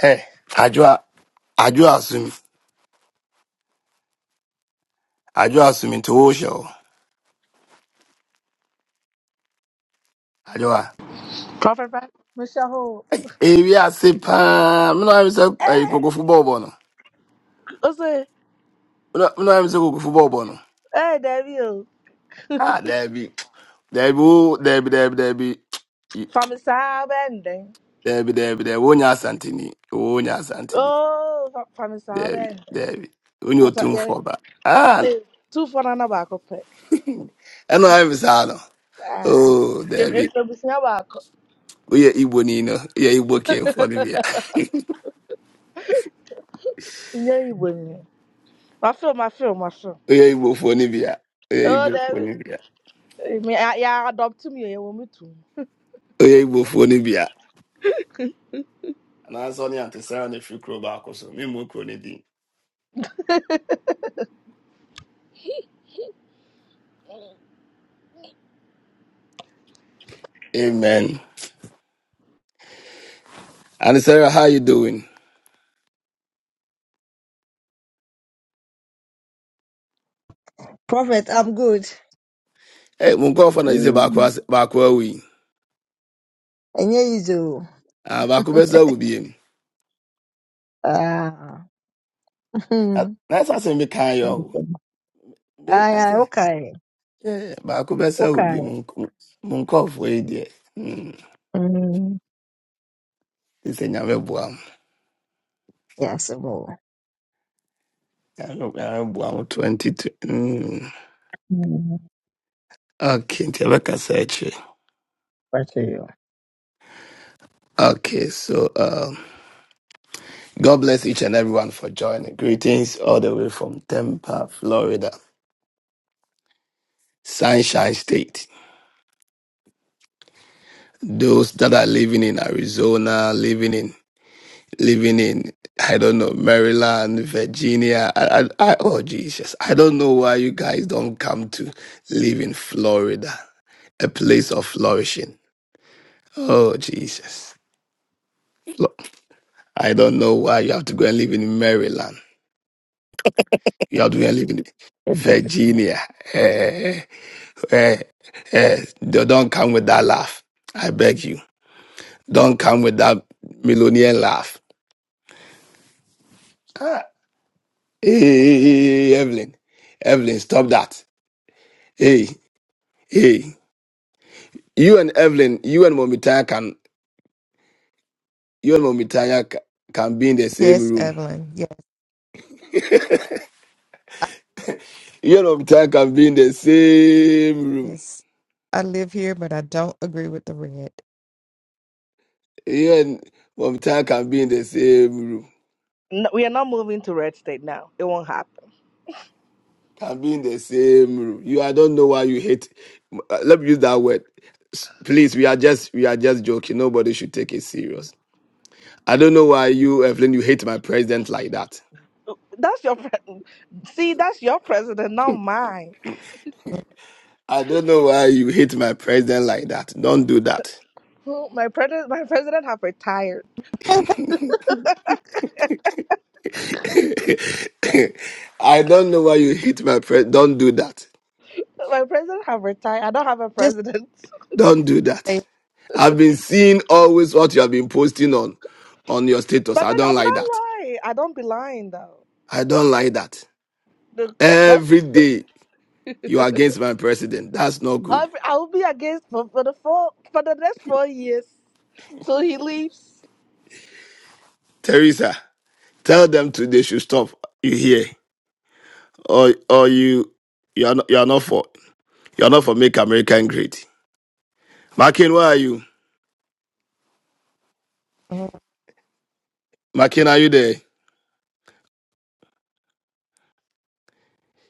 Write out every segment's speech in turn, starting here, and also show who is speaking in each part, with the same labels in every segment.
Speaker 1: Hey, Ajua, Ajua assume, Ajua assume into Osho. Ajua.
Speaker 2: Prophet Brad, Michelle Hall.
Speaker 1: Hey, eh, we are say pa. Me no have say eh,
Speaker 2: Hey,
Speaker 1: koko football bono. Me
Speaker 2: what's it?
Speaker 1: no me no have say koko football bono.
Speaker 2: Hey, David.
Speaker 1: Ah, Debbie, Debbie, oh, Debbie, Debbie, Debbie,
Speaker 2: From his bending.
Speaker 1: Debbie, Debbie, Debbie. Onya Santini, Onya Santini,
Speaker 2: Oh, from from his
Speaker 1: Debbie,
Speaker 2: bending.
Speaker 1: Debbie. Onye
Speaker 2: I thought,
Speaker 1: otum
Speaker 2: yeah.
Speaker 1: for ba. Ah,
Speaker 2: Hey, two for another back up.
Speaker 1: I no have say no.
Speaker 2: Ah,
Speaker 1: Oh,
Speaker 2: if
Speaker 1: Debbie.
Speaker 2: if the business back,
Speaker 1: Oye Igbo ni no. We are Igbo came for Nibia.
Speaker 2: yeah, you win. My film, my film, my film.
Speaker 1: We are Igbo for Nibia. We are
Speaker 2: Oh,
Speaker 1: Igbo for
Speaker 2: David.
Speaker 1: Nibia.
Speaker 2: I mean, I- yeah, adopt me. You want me to?
Speaker 1: Oye Igbofoɔ no bia. Na so ɔne Ante Sarah na ɛfiri kuro back so. Memmu kuro no din. Amen. Ante Sarah, how you doing?
Speaker 3: Prophet, I'm good.
Speaker 1: Hey, mo nkurɔfoɔ na gye sɛ baako
Speaker 3: Mm.
Speaker 1: back. baako awu yi.
Speaker 3: Enye izo.
Speaker 1: Ah, baako bɛsa wo biam.
Speaker 3: Ah.
Speaker 1: Na na ɛsɛ asɛm bi ka yɛ
Speaker 3: Hmm.
Speaker 1: ɔwo. Be-
Speaker 3: Aya,
Speaker 1: Ate,
Speaker 3: okay.
Speaker 1: yeah, baako bɛsa wo biam.
Speaker 3: Okay.
Speaker 1: Mo nk- mo nkurɔfoɔ yi deɛ. mm,
Speaker 3: Mm.
Speaker 1: gye Sɛ Nyame boa mo.
Speaker 3: Yes, mo.
Speaker 1: Nyame Nyame boa mo 22. mm.
Speaker 3: Mm.
Speaker 1: Okay, nti yɛbɛkasa akyire.
Speaker 3: Back to you.
Speaker 1: Okay, so um God bless each and everyone for joining. Greetings all the way from Tampa, Florida, Sunshine State. Those that are living in Arizona, living in living in I don't know Maryland, Virginia. I, I, I, oh Jesus, I don't know why you guys don't come to live in Florida, a place of flourishing. Oh Jesus, Flo- I don't know why you have to go and live in Maryland. You have to go and live in Virginia. Eh, eh, don't come with that laugh. I beg you. Don't come with that millionaire laugh. Ah, hey, hey, hey, hey, hey, hey, Evelyn. Evelyn, stop that. Hey, hey. You and Evelyn, you and Momitaya can, you and Momitaya ca- can be in the same
Speaker 4: Yes,
Speaker 1: room.
Speaker 4: Evelyn. Yeah, I,
Speaker 1: You and Momitaya can be in the same room.
Speaker 4: yes. I live here, but I don't agree with the red.
Speaker 1: You and Momitaya can be in the same room.
Speaker 2: No, we are not moving to red state now. It won't happen.
Speaker 1: can be in the same room. You, I don't know why you hate. uh, Let me use that word. S- Please, we are just, we are just joking. Nobody should take it serious. I don't know why you, Evelyn, you hate my president like that.
Speaker 2: That's your pre- see. That's your president, not mine.
Speaker 1: I don't know why you hate my president like that. Don't do that.
Speaker 2: Who- My president, my president have retired.
Speaker 1: I don't know why you hate my president. Don't do that.
Speaker 2: My president have retired. I don't have a
Speaker 4: Just
Speaker 2: president.
Speaker 1: Don't do that.
Speaker 4: say
Speaker 1: I've been seeing always what you have been posting on on your status.
Speaker 2: But
Speaker 1: I
Speaker 2: then
Speaker 1: don't
Speaker 2: I'm
Speaker 1: like
Speaker 2: not
Speaker 1: that.
Speaker 2: lying. I don't be lying though.
Speaker 1: I don't like that.
Speaker 2: Look, that's
Speaker 1: Every day. You are against my president. That's not good.
Speaker 2: I I will be against for, for the four for the next four years till he leaves.
Speaker 1: Teresa, tell them to they should stop. You hear? Or or you you are not you are not for you are not for make America great. McCain, where are you?
Speaker 4: uh,
Speaker 1: McCain, are you there?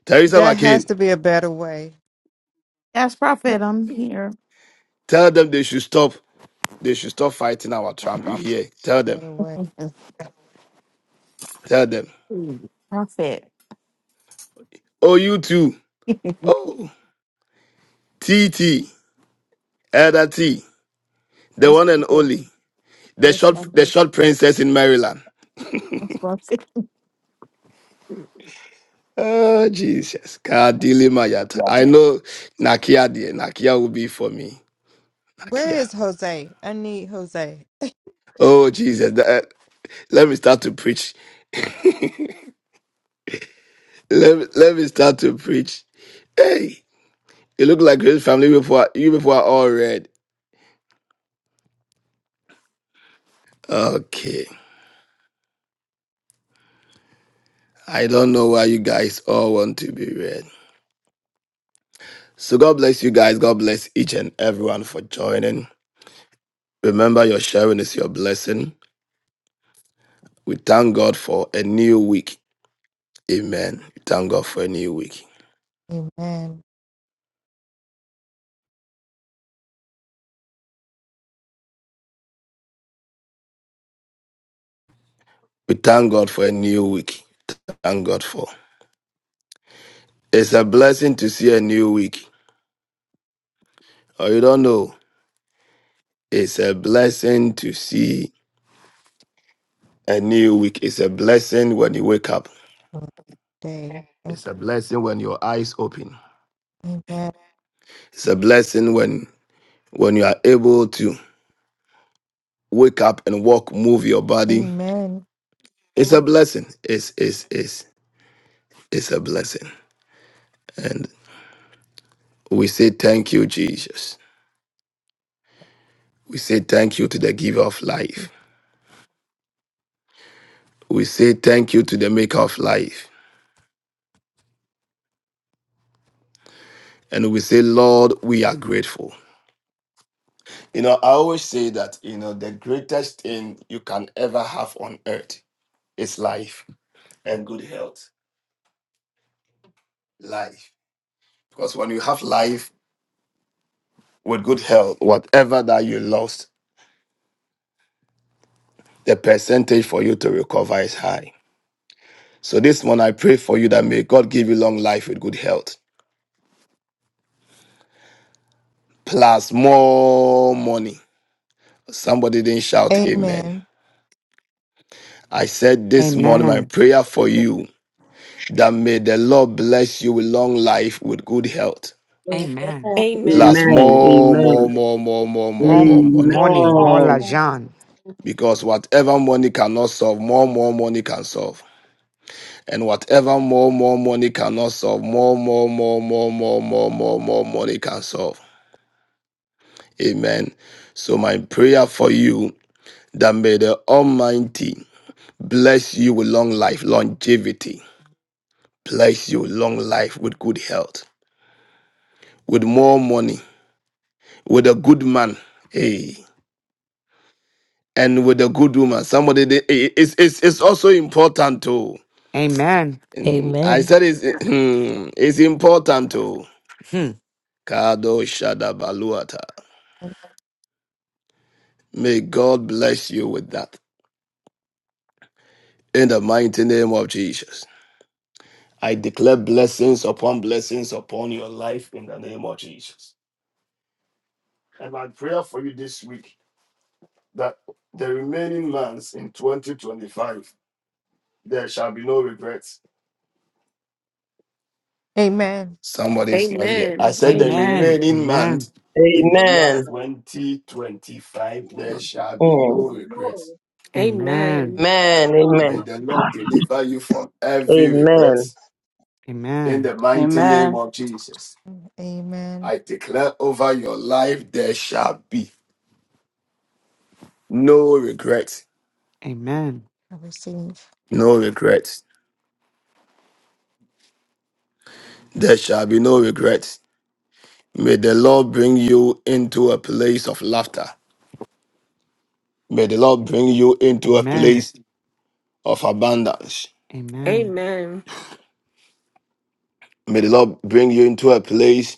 Speaker 1: Teresa
Speaker 4: there has
Speaker 1: McCain,
Speaker 4: to be a better way.
Speaker 5: Yes, Prophet, I'm here.
Speaker 1: tell them they should stop. They should stop fighting our Trump. You
Speaker 5: i
Speaker 1: hear? Tell them.
Speaker 4: better way.
Speaker 1: Tell them.
Speaker 5: Prophet.
Speaker 1: Oh, you too. Oh, T T. Elder T, the
Speaker 5: Yes,
Speaker 1: one and
Speaker 5: Prophet.
Speaker 1: only, the
Speaker 5: Yes,
Speaker 1: short, the
Speaker 5: Prophet.
Speaker 1: short princess in Maryland.
Speaker 5: Yes, Prophet.
Speaker 1: Oh, Jesus. Kadili Mayata.
Speaker 5: Yeah.
Speaker 1: I know Nakia, dear. Nakia will be for me.
Speaker 4: Where
Speaker 1: Nakia.
Speaker 4: is Jose? I need Jose.
Speaker 1: Oh, Jesus. Th- eh, Let me start to preach. Let me, let me start to preach. Hey, you look like Grace family before you before I all read. Okay. I don't know why you guys all want to be read. So God bless you guys. God bless each and everyone for joining. Remember your sharing is your blessing. We thank God for a new week. Amen. We thank God for a new week.
Speaker 4: Amen.
Speaker 1: We thank God for a new week. Thank God for. It's a blessing to see a new week. Or you don't know. It's a blessing to see a new week. It's a blessing when you wake up.
Speaker 4: Day.
Speaker 1: It's a blessing when your eyes open.
Speaker 4: Amen.
Speaker 1: It's a blessing when when you are able to wake up and walk, move your body.
Speaker 4: Amen.
Speaker 1: It's a blessing. It's it's it's it's a blessing. And we say thank you, Jesus. We say thank you to the giver of life. We say thank you to the maker of life. and we say, Lord, we are grateful. You know, I always say that, you know, the greatest thing you can ever have on earth is life and good health. Life. Because when you have life with good health, whatever that you lost, the percentage for you to recover is high. So this one, I pray for you that may God give you long life with good health, plus more money. Somebody didn't shout amen.
Speaker 4: Amen.
Speaker 1: I said this morning, my
Speaker 6: Amen.
Speaker 1: prayer for
Speaker 7: Amen.
Speaker 1: you that may the Lord bless you with long life, with good health,
Speaker 6: Amen.
Speaker 1: plus
Speaker 8: Amen.
Speaker 9: Amen.
Speaker 1: more,
Speaker 9: Amen.
Speaker 1: more, more, more, more, more,
Speaker 6: More
Speaker 1: more money.
Speaker 6: money, more la
Speaker 9: Amen.
Speaker 7: Amen.
Speaker 6: Jean.
Speaker 1: Because whatever money cannot solve, more, more money can solve. And whatever more, more money cannot solve, more, more, more, more, more, more, more, more money can solve. Amen. So my prayer for you that may the Almighty bless you with long life, longevity, bless you with long life with good health, with more money, with a good man. hey. and with a good woman. Somebody that- i- it's it's it's also important too.
Speaker 6: Amen.
Speaker 1: And I
Speaker 10: Amen.
Speaker 1: said it's it's important too.
Speaker 6: Hmm.
Speaker 1: Kado Shadabaluata. May God bless you with that. In the mighty name of Jesus. I declare blessings upon blessings upon your life in the name of Jesus. And my prayer for you this week that the remaining months in 2025, there shall be no regrets
Speaker 4: Amen.
Speaker 1: Somebody's not here. I
Speaker 8: Amen.
Speaker 1: said the
Speaker 8: Amen.
Speaker 6: Amen.
Speaker 1: remaining
Speaker 6: Amen.
Speaker 1: month in the year
Speaker 9: Amen.
Speaker 1: 2025, there shall be
Speaker 9: Mm.
Speaker 1: no regrets.
Speaker 6: Amen.
Speaker 8: Amen.
Speaker 9: Amen. Amen.
Speaker 1: May the Lord deliver you from every regret
Speaker 9: Amen.
Speaker 1: in
Speaker 6: Amen.
Speaker 1: the mighty name
Speaker 11: Amen.
Speaker 1: of Jesus.
Speaker 4: Amen.
Speaker 1: I declare over your life, there shall be no regrets.
Speaker 6: Amen.
Speaker 4: I receive.
Speaker 1: No regrets. There shall be no regrets. May the Lord bring you into a place of laughter. May the Lord bring you into a
Speaker 6: Amen.
Speaker 1: place of abundance.
Speaker 6: Amen.
Speaker 8: Amen.
Speaker 1: May the Lord bring you into a place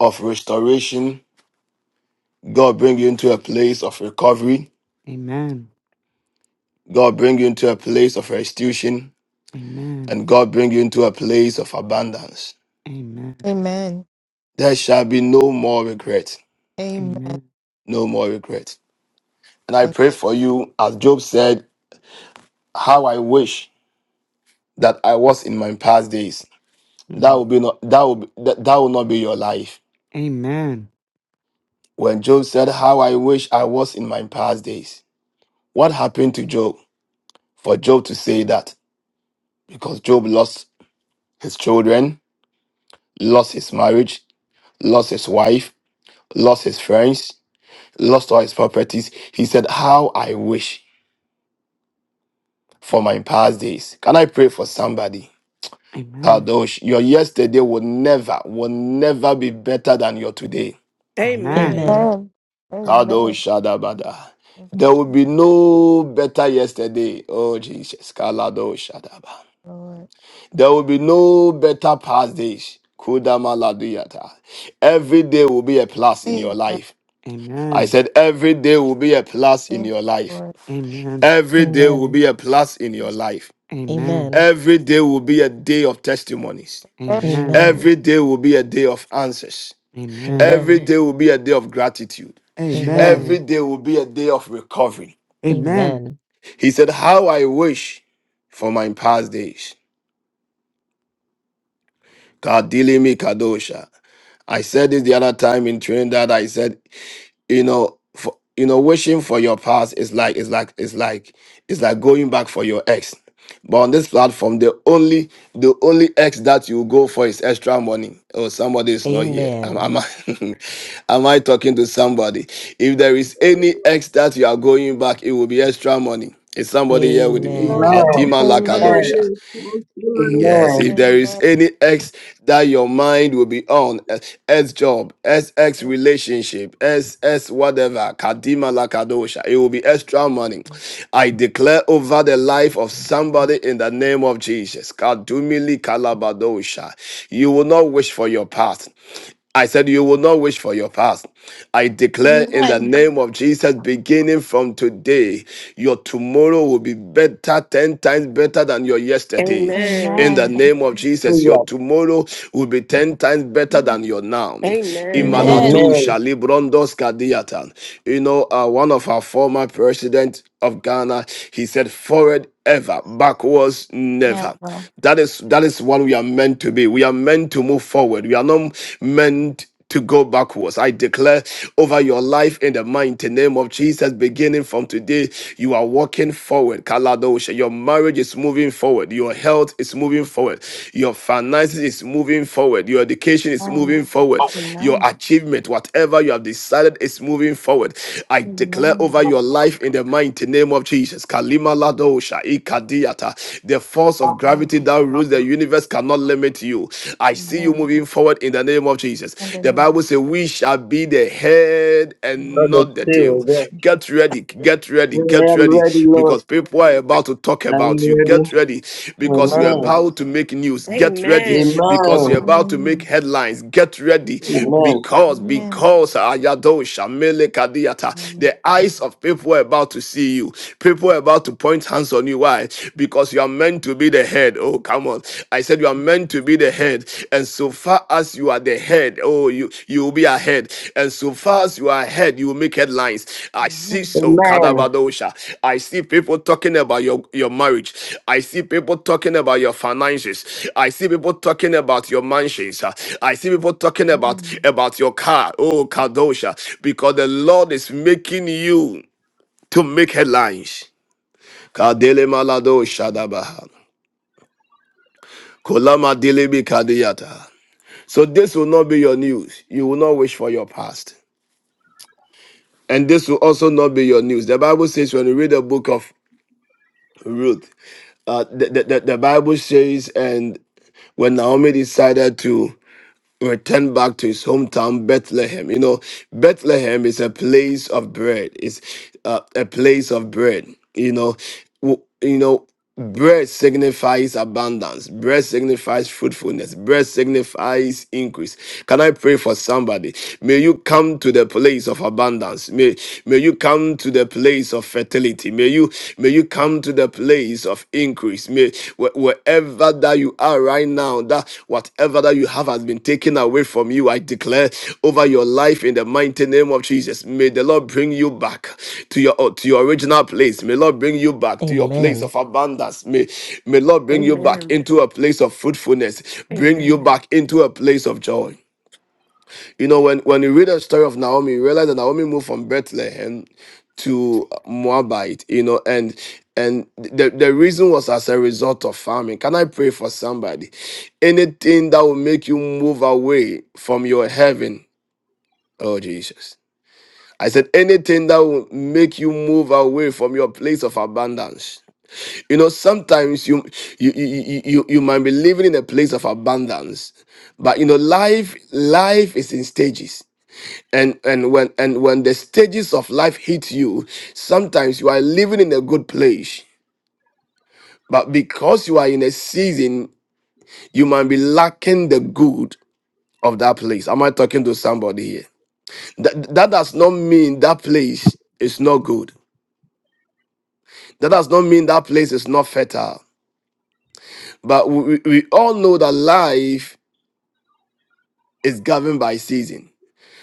Speaker 1: of restoration. God bring you into a place of recovery.
Speaker 6: Amen.
Speaker 1: God bring you into a place of restitution.
Speaker 6: Amen.
Speaker 1: And God bring you into a place of abundance.
Speaker 6: Amen.
Speaker 4: Amen.
Speaker 1: There shall be no more regret.
Speaker 4: Amen.
Speaker 6: Amen.
Speaker 1: No more regret. And I
Speaker 4: Amen.
Speaker 1: pray for you, as Job said, how I wish that I was in my past days. That
Speaker 6: Hmm.
Speaker 1: will be not that will be, that, that will not be your life.
Speaker 6: Amen.
Speaker 1: When Job said, How I wish I was in my past days. What happened to Job for Job to say that? because Job lost his children, lost his marriage, lost his wife, lost his friends, lost all his properties. He said, How I wish for my past days. Can I pray for somebody?
Speaker 6: Amen.
Speaker 1: Kadosh, your yesterday will never, will never be better than your today.
Speaker 6: Amen.
Speaker 8: Amen.
Speaker 10: Amen.
Speaker 1: Kadosh
Speaker 4: Amen.
Speaker 1: Shadabada.
Speaker 4: Thank you,
Speaker 1: There will be no better yesterday. Oh Jesus. Kalado Shadaba.
Speaker 4: Lord.
Speaker 1: There will be no better past days. Kodama laduyata. Every day will be a plus in your
Speaker 4: Amen.
Speaker 1: life. I
Speaker 6: Amen.
Speaker 1: said, every day will be a plus in
Speaker 4: Thank
Speaker 1: your
Speaker 4: you,
Speaker 1: life.
Speaker 6: Amen.
Speaker 1: Every day will
Speaker 10: Amen.
Speaker 1: be a plus in your life.
Speaker 6: Amen.
Speaker 10: Amen.
Speaker 1: Every day will be a day of testimonies.
Speaker 4: Lord.
Speaker 6: Amen.
Speaker 10: Amen.
Speaker 1: Every day will be a day of answers. Every
Speaker 10: Amen.
Speaker 1: day will be a day of gratitude.
Speaker 6: Amen. Amen.
Speaker 1: Every
Speaker 10: Amen.
Speaker 1: day will be a day of recovery.
Speaker 6: Amen. Amen.
Speaker 10: Amen.
Speaker 1: He said, How I wish for my past days. Kadilimi Kadosha. I said this the other time in Trinidad. I said, you know, for, you know, wishing for your past is like it's like it's like it's like going back for your ex. But on this platform, the only the only ex that you go for is extra money. Oh, somebody is not here. Am,
Speaker 10: Amen.
Speaker 1: am I am I talking to somebody? If there is any ex that you are going back, it will be extra money. Is somebody here with me?
Speaker 10: Amen.
Speaker 12: Amen.
Speaker 1: Kadima
Speaker 12: Come on
Speaker 9: Amen.
Speaker 4: Amen.
Speaker 1: Lakadosha.
Speaker 12: in.
Speaker 9: Amen.
Speaker 1: Yes, if there is
Speaker 4: Amen.
Speaker 1: any X that your mind will be on, eh, X job, XX relationship, SS whatever, Kadima la Kadosha, it will be extra money. I declare over the life of somebody in the name of Jesus, Kadumili Kalabadosha, you will not wish for your past. I said, You will not wish for your past. I declare in the
Speaker 5: Amen.
Speaker 1: name of Jesus, beginning from today, your tomorrow will be better, 10 times better than your yesterday. In
Speaker 8: Amen.
Speaker 1: the
Speaker 5: Amen.
Speaker 1: name of Jesus, your
Speaker 9: Yes.
Speaker 1: tomorrow will be 10 times better than your now.
Speaker 8: Amen. Amen.
Speaker 10: Amen.
Speaker 5: Amen.
Speaker 1: Imaladu
Speaker 9: Amen.
Speaker 1: Shalibrondos Kadiatan. You know, uh, one of our former presidents of Ghana, he said, Forward ever, backwards
Speaker 5: Amen.
Speaker 1: never. That is that is what we are meant to be be. We are meant to move forward. We are not meant to go backwards. I declare over your life in the mighty name of Jesus, beginning from today, you are walking forward. Kaladosha, your marriage is moving forward. Your health is moving forward. Your finances is moving forward. Your education is
Speaker 5: Amen.
Speaker 1: moving forward. Your
Speaker 5: Amen.
Speaker 1: achievement, whatever you have decided, is moving forward. I declare over your life in the mighty name of Jesus. Kalima Ladosha, Ikadiata, the force of force of
Speaker 5: Amen.
Speaker 1: gravity that rules the
Speaker 5: Amen.
Speaker 1: universe cannot limit you. I see you
Speaker 5: Amen.
Speaker 1: moving forward in the name of Jesus.
Speaker 5: And
Speaker 1: The
Speaker 5: then in
Speaker 1: Bible says, We shall be the head
Speaker 5: the
Speaker 1: and
Speaker 9: Brother
Speaker 5: name
Speaker 1: not the
Speaker 5: of
Speaker 1: tail.
Speaker 9: still. Yes.
Speaker 1: Get ready, get
Speaker 9: I
Speaker 1: ready, get
Speaker 9: am
Speaker 1: ready,
Speaker 9: ready, Lord.
Speaker 1: because people are about to talk
Speaker 9: I am
Speaker 1: about you.
Speaker 9: ready.
Speaker 1: Get ready, because you're
Speaker 9: Amen.
Speaker 1: about to make news. Get ready,
Speaker 9: Amen.
Speaker 8: Amen.
Speaker 5: the Lord, Amen. Amen.
Speaker 1: because you're about to make headlines. Get ready,
Speaker 9: Amen.
Speaker 1: because, because Ayado Shamele Kadiata,
Speaker 5: Amen. Amen.
Speaker 1: the eyes of people are about to see you. People are about to point Point hands on you. Why? Because you are meant to be the head. Oh, come on. I said you are meant to be the head. And so far as you are the head, oh, you you will be ahead. And so far as you are ahead, you will make headlines. I see
Speaker 9: Amen.
Speaker 1: so
Speaker 9: Amen.
Speaker 1: Kadabadosha. I see people talking about your, your marriage. I see people talking about your finances. I see people talking about your mansions. Uh, I see people talking about about your car. Oh, Kadosha. Because the Lord is making you to make headlines. Kadele malado shadabaha. Kolama dilibi kadiyata. So this will not be your news. You will not wish for your past. And this will also not be your news. The Bible says when you read the book of Ruth, uh, the, the, the the Bible says, and when Naomi decided to returned back to his hometown, Bethlehem. You know, Bethlehem is a place of bread. It's uh, a place of bread. You know, W- you know, bread signifies abundance. Bread signifies fruitfulness. Bread signifies increase. Can I pray for somebody? May you come to the place of abundance. May may you come to the place of fertility. May you you. May you come to the place of increase. May wh- wherever that you are right now, that whatever that you have has been taken away from you, I declare over your life in the mighty name of Jesus. May the Lord bring you back to your uh, to your original place. May Lord bring you back to your place
Speaker 10: Amen.
Speaker 1: of abundance. May may Lord bring you back
Speaker 8: Amen. Amen.
Speaker 1: into a place of fruitfulness. Bring you back into a place of joy. You know, when, when you read the story of Naomi, you realize that Naomi moved from Bethlehem to Moabite, you know, and and the, the reason was as a result of famine. Can I pray for somebody? Anything that will make you move away from your heaven, oh Jesus. I said, anything that will make you move away from your place of abundance. You know, sometimes you you you you, you you might be living in a place of abundance, but you know, life life is in stages and and when and when the stages of life hit you sometimes you are living in a good place but because you are in a season you might be lacking the good of that place am i talking to somebody here that, that does not mean that place is not good that does not mean that place is not fertile but we, we we all know that life is governed by season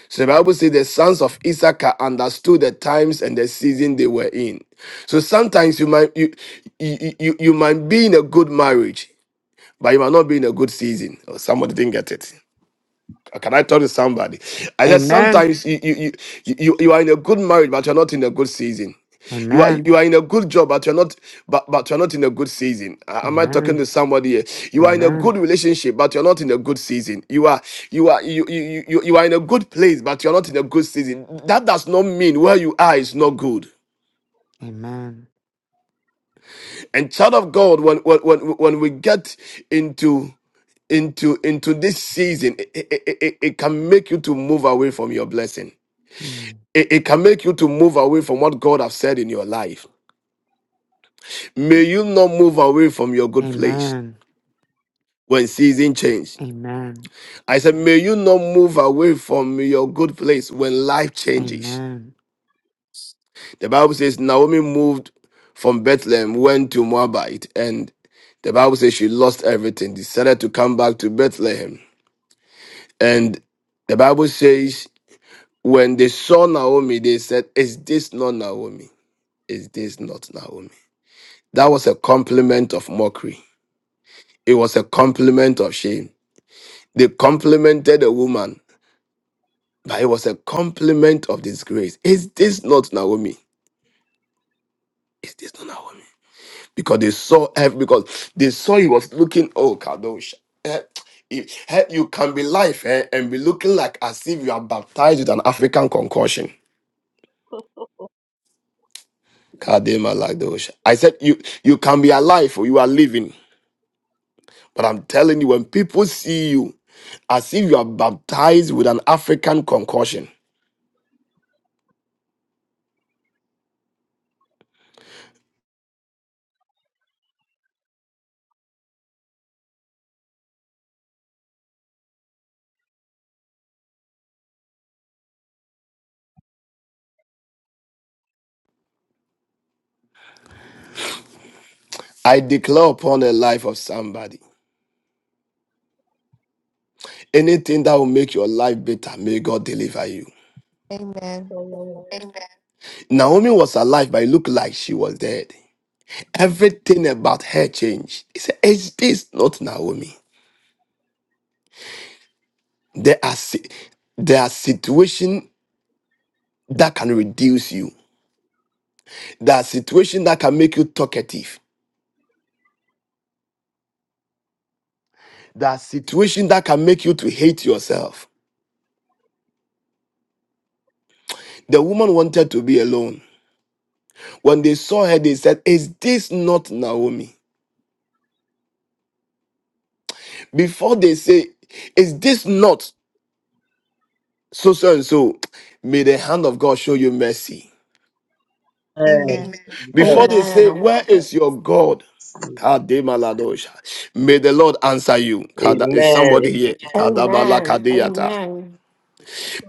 Speaker 1: So the Bible says the sons of Issachar understood the times and the season they were in. So sometimes you might you you, you, you might be in a good marriage, but you might not be in a good season. Or somebody didn't get it. Can I talk to somebody? I said
Speaker 6: Amen.
Speaker 1: sometimes you you you you, you are in a good marriage, but you're not in a good season. You are you are in a good job, but you're not but, but you're not in a good season. A- Am I talking to somebody here? You are in a
Speaker 6: Amen. Amen.
Speaker 1: good relationship, but you're not in a good season. You are you are you you you, you you are in a good place, but you're not in a good season. That does not mean where you are is not good.
Speaker 6: Amen.
Speaker 1: And child of God, when when when, when we get into into into this season it, it, it, it it can make you to move away from your blessing
Speaker 6: Mm.
Speaker 1: it, it can make you to move away from what God has said in your life. May you not move away from your good place
Speaker 6: Amen.
Speaker 1: when season change.
Speaker 6: Amen.
Speaker 1: I said, may you not move away from your good place when life changes.
Speaker 6: Amen.
Speaker 1: The Bible says Naomi moved from Bethlehem, went to Moabite, and the Bible says she lost everything, decided to come back to Bethlehem. And the Bible says when they saw Naomi, they said, Is this not Naomi? Is this not Naomi? That was a compliment of mockery. It was a compliment of shame. They complimented a woman, but it was a compliment of disgrace. Is this not Naomi? Is this not Naomi? Because they saw ev- because they saw he was looking, oh Kadosh. Eh, eh, eh, You can be life eh, and be looking like as if you are baptized with an African concussion. Kadema Lagdosha. I said you you can be alive or you are living. But I'm telling you, when people see you as if you are baptized with an African concussion, I declare upon the life of somebody anything that will make your life better, may God deliver you.
Speaker 4: Amen.
Speaker 1: Naomi was alive, but it looked like she was dead. Everything about her changed. He said, Is this not Naomi? There are, si- there are situations that can reduce you, there are situations that can make you talkative, there are situations that can make you to hate yourself. The woman wanted to be alone. When they saw her, they said, Is this not Naomi? Before they say, Is this not so so and so? May the hand of God show you mercy.
Speaker 9: Amen.
Speaker 4: Amen.
Speaker 1: Before they
Speaker 8: Amen.
Speaker 1: say, Where is your God? Kademaladosha. May the Lord answer you. Kada- Is somebody here? Kadabala kadeyata.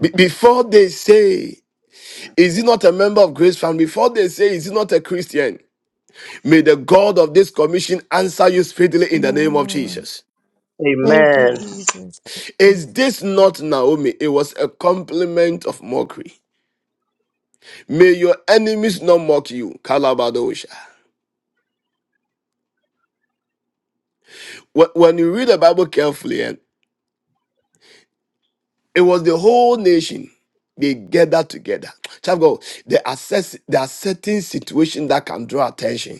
Speaker 1: Be- Before they say, Is he not a member of Grace Family? Before they say, Is he not a Christian? May the God of this commission answer you speedily in the
Speaker 4: My
Speaker 1: name of
Speaker 4: Lord.
Speaker 1: Jesus.
Speaker 4: Thank you, Jesus. Amen.
Speaker 1: Is this not Naomi? It was a compliment of mockery. May your enemies not mock you. Kalabadosha. When when you read the Bible carefully, and it was the whole nation. They gathered together. Child of God, there are, cer- there are certain situations that can draw attention.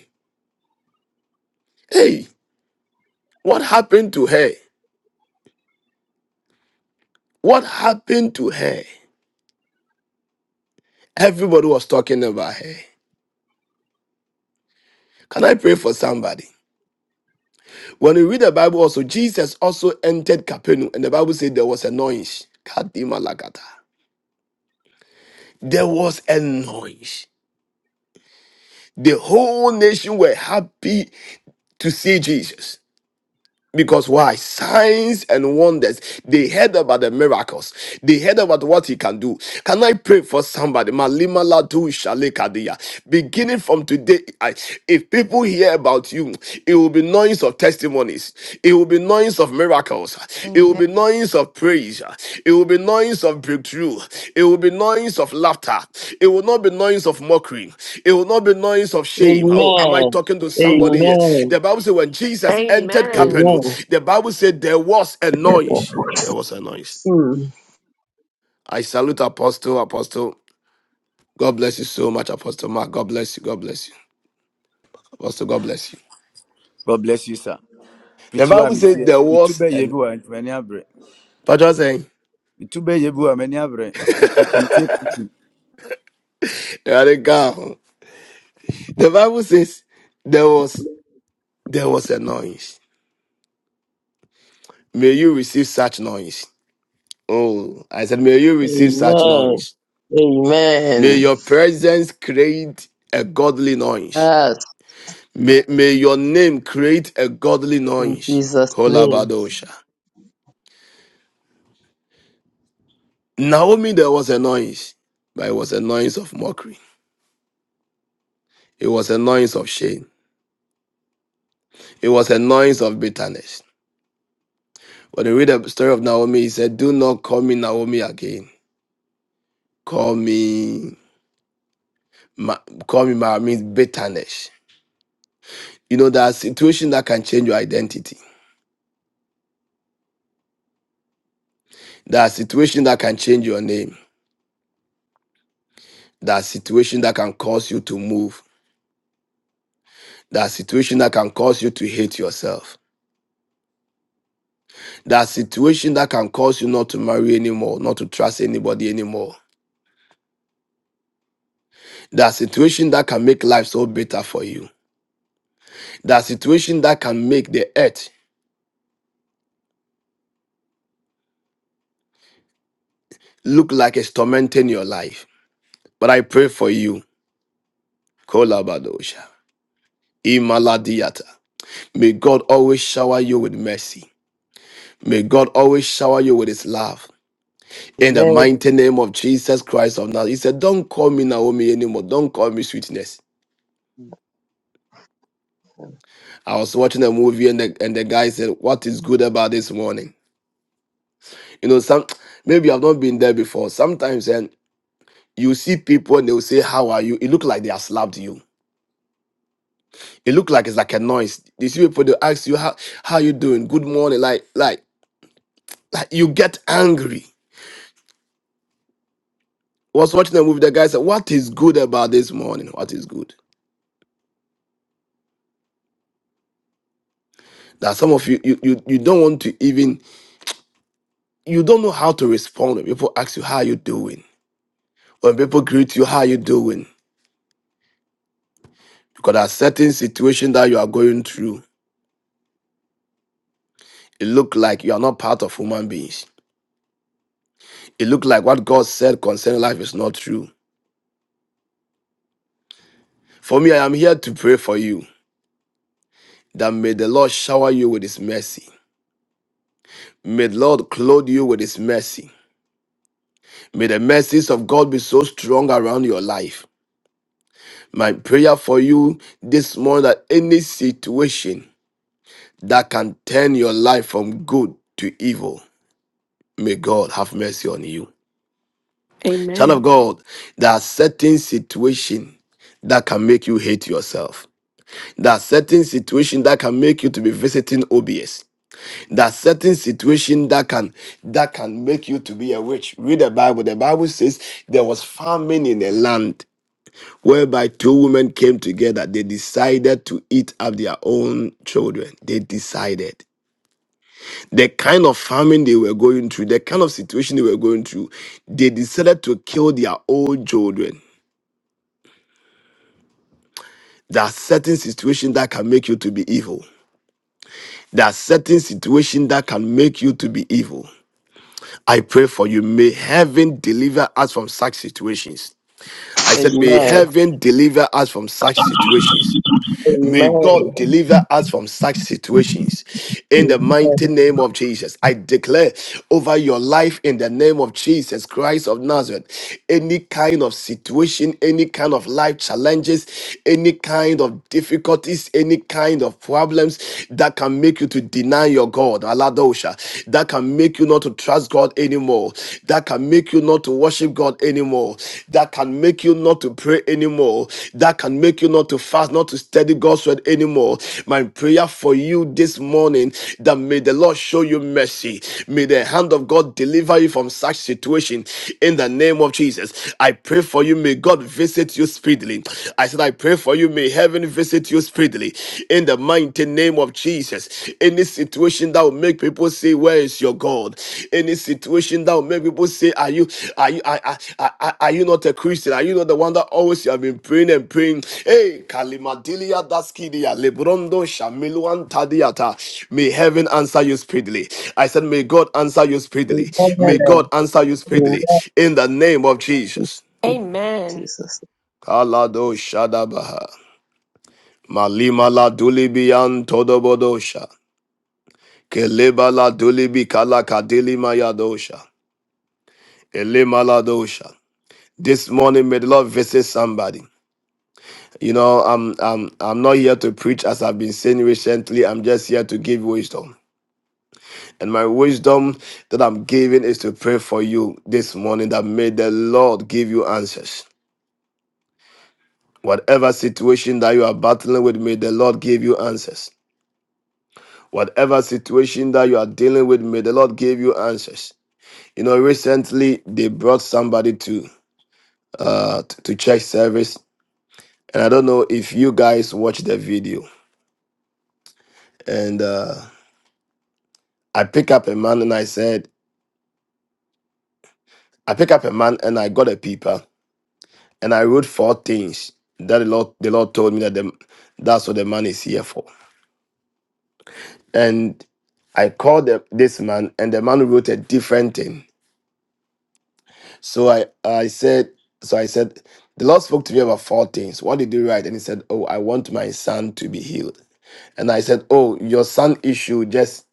Speaker 1: Hey, what happened to her? What happened to her? Everybody was talking about her. Can I pray for somebody? When you read the Bible also, Jesus also entered Capernaum, and the Bible said there was a noise. Kadima Lagata. There was a noise. The whole nation were happy to see Jesus. Because why? Signs and wonders. They heard about the miracles. They heard about what he can do. Can I pray for somebody? Malima ladu shale Beginning from today, I- if people hear about you, it will be noise of testimonies. It will be noise of miracles. It will
Speaker 4: Amen.
Speaker 1: be noise of praise. It will be noise of breakthrough. It will be noise of laughter. It will not be noise of mockery. It will not be noise of shame. Oh, am I
Speaker 9: Amen.
Speaker 1: talking to somebody here?
Speaker 9: Amen.
Speaker 1: The Bible said when Jesus entered
Speaker 8: Amen.
Speaker 9: Amen.
Speaker 1: Capernaum, the Bible said there was a
Speaker 9: Amen.
Speaker 1: noise. There was a noise.
Speaker 9: Mm.
Speaker 1: I salute Apostle, Apostle. God bless you so much, Apostle Mark. God bless you. God bless you. Apostle, God bless you.
Speaker 13: God bless you, sir.
Speaker 1: The
Speaker 13: Preach wa
Speaker 1: Bible says
Speaker 13: mitie.
Speaker 1: there was
Speaker 13: Mitube yebi
Speaker 1: an.
Speaker 13: wa nti mani abre.
Speaker 1: But I saying,
Speaker 13: Mitube yebi wa mani abre. Nti preach mitie preach.
Speaker 1: there are the girl. The Bible says there was. There was a noise. May you receive such noise. Oh, I said, may you receive such
Speaker 9: Amen.
Speaker 1: noise. May
Speaker 9: Amen.
Speaker 1: your presence create a godly noise.
Speaker 9: Yes,
Speaker 1: May, may your name create a godly
Speaker 9: in
Speaker 1: noise.
Speaker 9: Jesus' name.
Speaker 1: Kolabadosha. Naomi, there was a noise, but it was a noise of mockery. It was a noise of shame. It was a noise of bitterness. When you read the story of Naomi, he said, Do not call me Naomi again. Call me, ma- call me Ma means bitterness You know, there are situations that can change your identity. There are situations that can change your name. There are situations that can cause you to move. There are situations that can cause you to hate yourself. There are situations that can cause you not to marry anymore, not to trust anybody anymore. There are situations that can make life so better for you. There are situations that can make the earth look like it's tormenting your life. But I pray for you. Kolabadosha. Imaladiata. May God always shower you with mercy. May God always shower you with his love. In the
Speaker 9: Amen.
Speaker 1: mighty name of Jesus Christ of Nazareth. He said, Don't call me Naomi anymore. Don't call me sweetness. I was watching a movie and the, and the guy said, What is good about this morning? You know, some maybe I've not been there before. Sometimes and you see people and they will say, How are you? It look like they have slapped you. It look like it's like a noise. You see people they ask you how how you doing? Good morning. Like like, like you get angry. I was watching a movie, the guy said, What is good about this morning? What is good? That some of you, you, you, you don't want to even, you don't know how to respond when people ask you, how are you doing? When people greet you, how are you doing? Because there are certain situation that you are going through, it looks like you are not part of human beings. It looks like what God said concerning life is not true. For me, I am here to pray for you that may the Lord shower you with his mercy. May the Lord clothe you with his mercy. May the mercies of God be so strong around your life. My prayer for you this morning that any situation that can turn your life from good to evil. May God have mercy on you. Child of
Speaker 8: Amen. Amen.
Speaker 1: God, there are certain situations that can make you hate yourself. There are certain situations that can make you to be visiting OBS. There are certain situations that can that can make you to be a witch. Read the Bible. The Bible says there was famine in a land whereby two women came together. They decided to eat up their own children. They decided. the kind of famine they were going through, the kind of situation they were going through, they decided to kill their own children. There are certain situations that can make you to be evil. There are certain situations that can make you to be evil. I pray for you. May heaven deliver us from such situations. I said, may
Speaker 9: Amen.
Speaker 1: heaven deliver us from such situations. May God
Speaker 9: Amen.
Speaker 1: deliver us from such situations in the mighty name of Jesus. I declare over your life in the name of Jesus Christ of Nazareth any kind of situation, any kind of life challenges, any kind of difficulties, any kind of problems that can make you to deny your God, Aladosha, that can make you not to trust God anymore, that can make you make you not to worship God anymore, that can make you not to pray anymore, that can make you not to fast, not to study God's word anymore. My prayer for you this morning that may the Lord show you mercy. May the hand of God deliver you from such situation in the name of Jesus. I pray for you. May God visit you speedily. I said, I pray for you. May heaven visit you speedily in the mighty name name of Jesus. Any situation that will make people say, "Where is your God?" Any situation that will make people say, "Are you are you are, are, are are you not a Christian? Are you not the one that always you have been praying and praying?" Hey, Kalimadilia Daskidia Lebrondo Shamiluan Tadiata. May heaven answer you speedily. I said, "May God answer you speedily. May
Speaker 9: Amen.
Speaker 1: God answer you
Speaker 9: Amen.
Speaker 1: speedily in the name of Jesus."
Speaker 8: Amen.
Speaker 9: Jesus.
Speaker 1: Kalado Shadabaha. Malima la dulibian todobodosha. Kelebala dulibi kalaka dilima yadosha. Elemaladosha. This morning, may the Lord visit somebody. You know, I'm I'm I'm not here to preach as I've been saying recently. I'm just here to give wisdom. And my wisdom that I'm giving is to pray for you this morning that may the Lord give you answers. Whatever situation that you are battling with, may the Lord give you answers. Whatever situation that you are dealing with, may the Lord give you answers. You know, recently they brought somebody to. uh t- to church service and i don't know if you guys watched the video and uh i pick up a man and i said i pick up a man and i got a paper and i wrote four things that the lord the lord told me that the, that's what the man is here for and i called the, this man and the man wrote a different thing so i i said so i said the lord spoke to me about four things what did you write and he said oh i want my son to be healed and i said oh your son issue just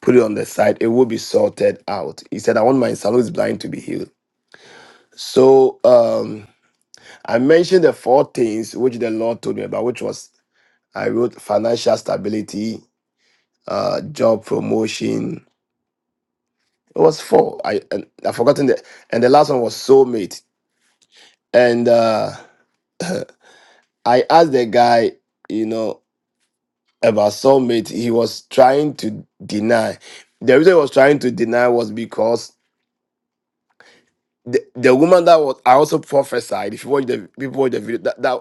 Speaker 1: put it on the side, it will be sorted out. He said, I want my son who's blind to be healed. So um, I mentioned the four things which the Lord told me about, which was I wrote financial stability, uh, job promotion. It was four. I and I've forgotten that. And the last one was soulmate. And uh, I asked the guy, you know, about soulmate. He was trying to deny. The reason he was trying to deny was because the, the woman that was I also prophesied. If you watch the people watch the video, that that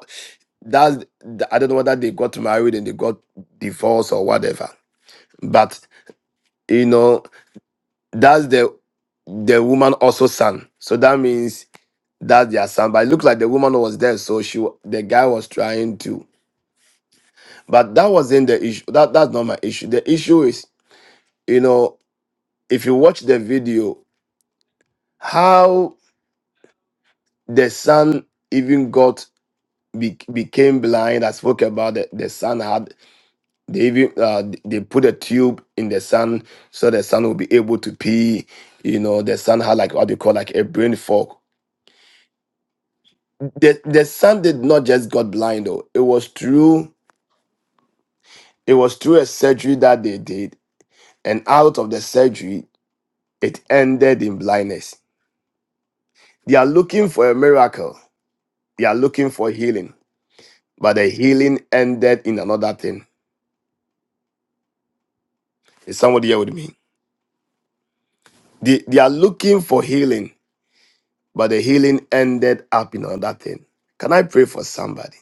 Speaker 1: that's the, I don't know whether they got married and they got divorced or whatever. But you know, that's the the woman also son. So that means that's their son. But it looked like the woman was there, so she wa- the guy was trying to. But that wasn't the issue. That that's not my issue. The issue is, you know, if you watch the video, how the son even got be, became blind. I spoke about the, the son had they even uh, they put a tube in the son so the son will be able to pee. You know, the son had like what they call like a brain fog. The the son did not just got blind though. It was through it was through a surgery that they did, and out of the surgery, it ended in blindness. They are looking for a miracle. They are looking for healing, but the healing ended in another thing. Is somebody here with me? They, they are looking for healing but the healing ended up in another thing. Can I pray for somebody?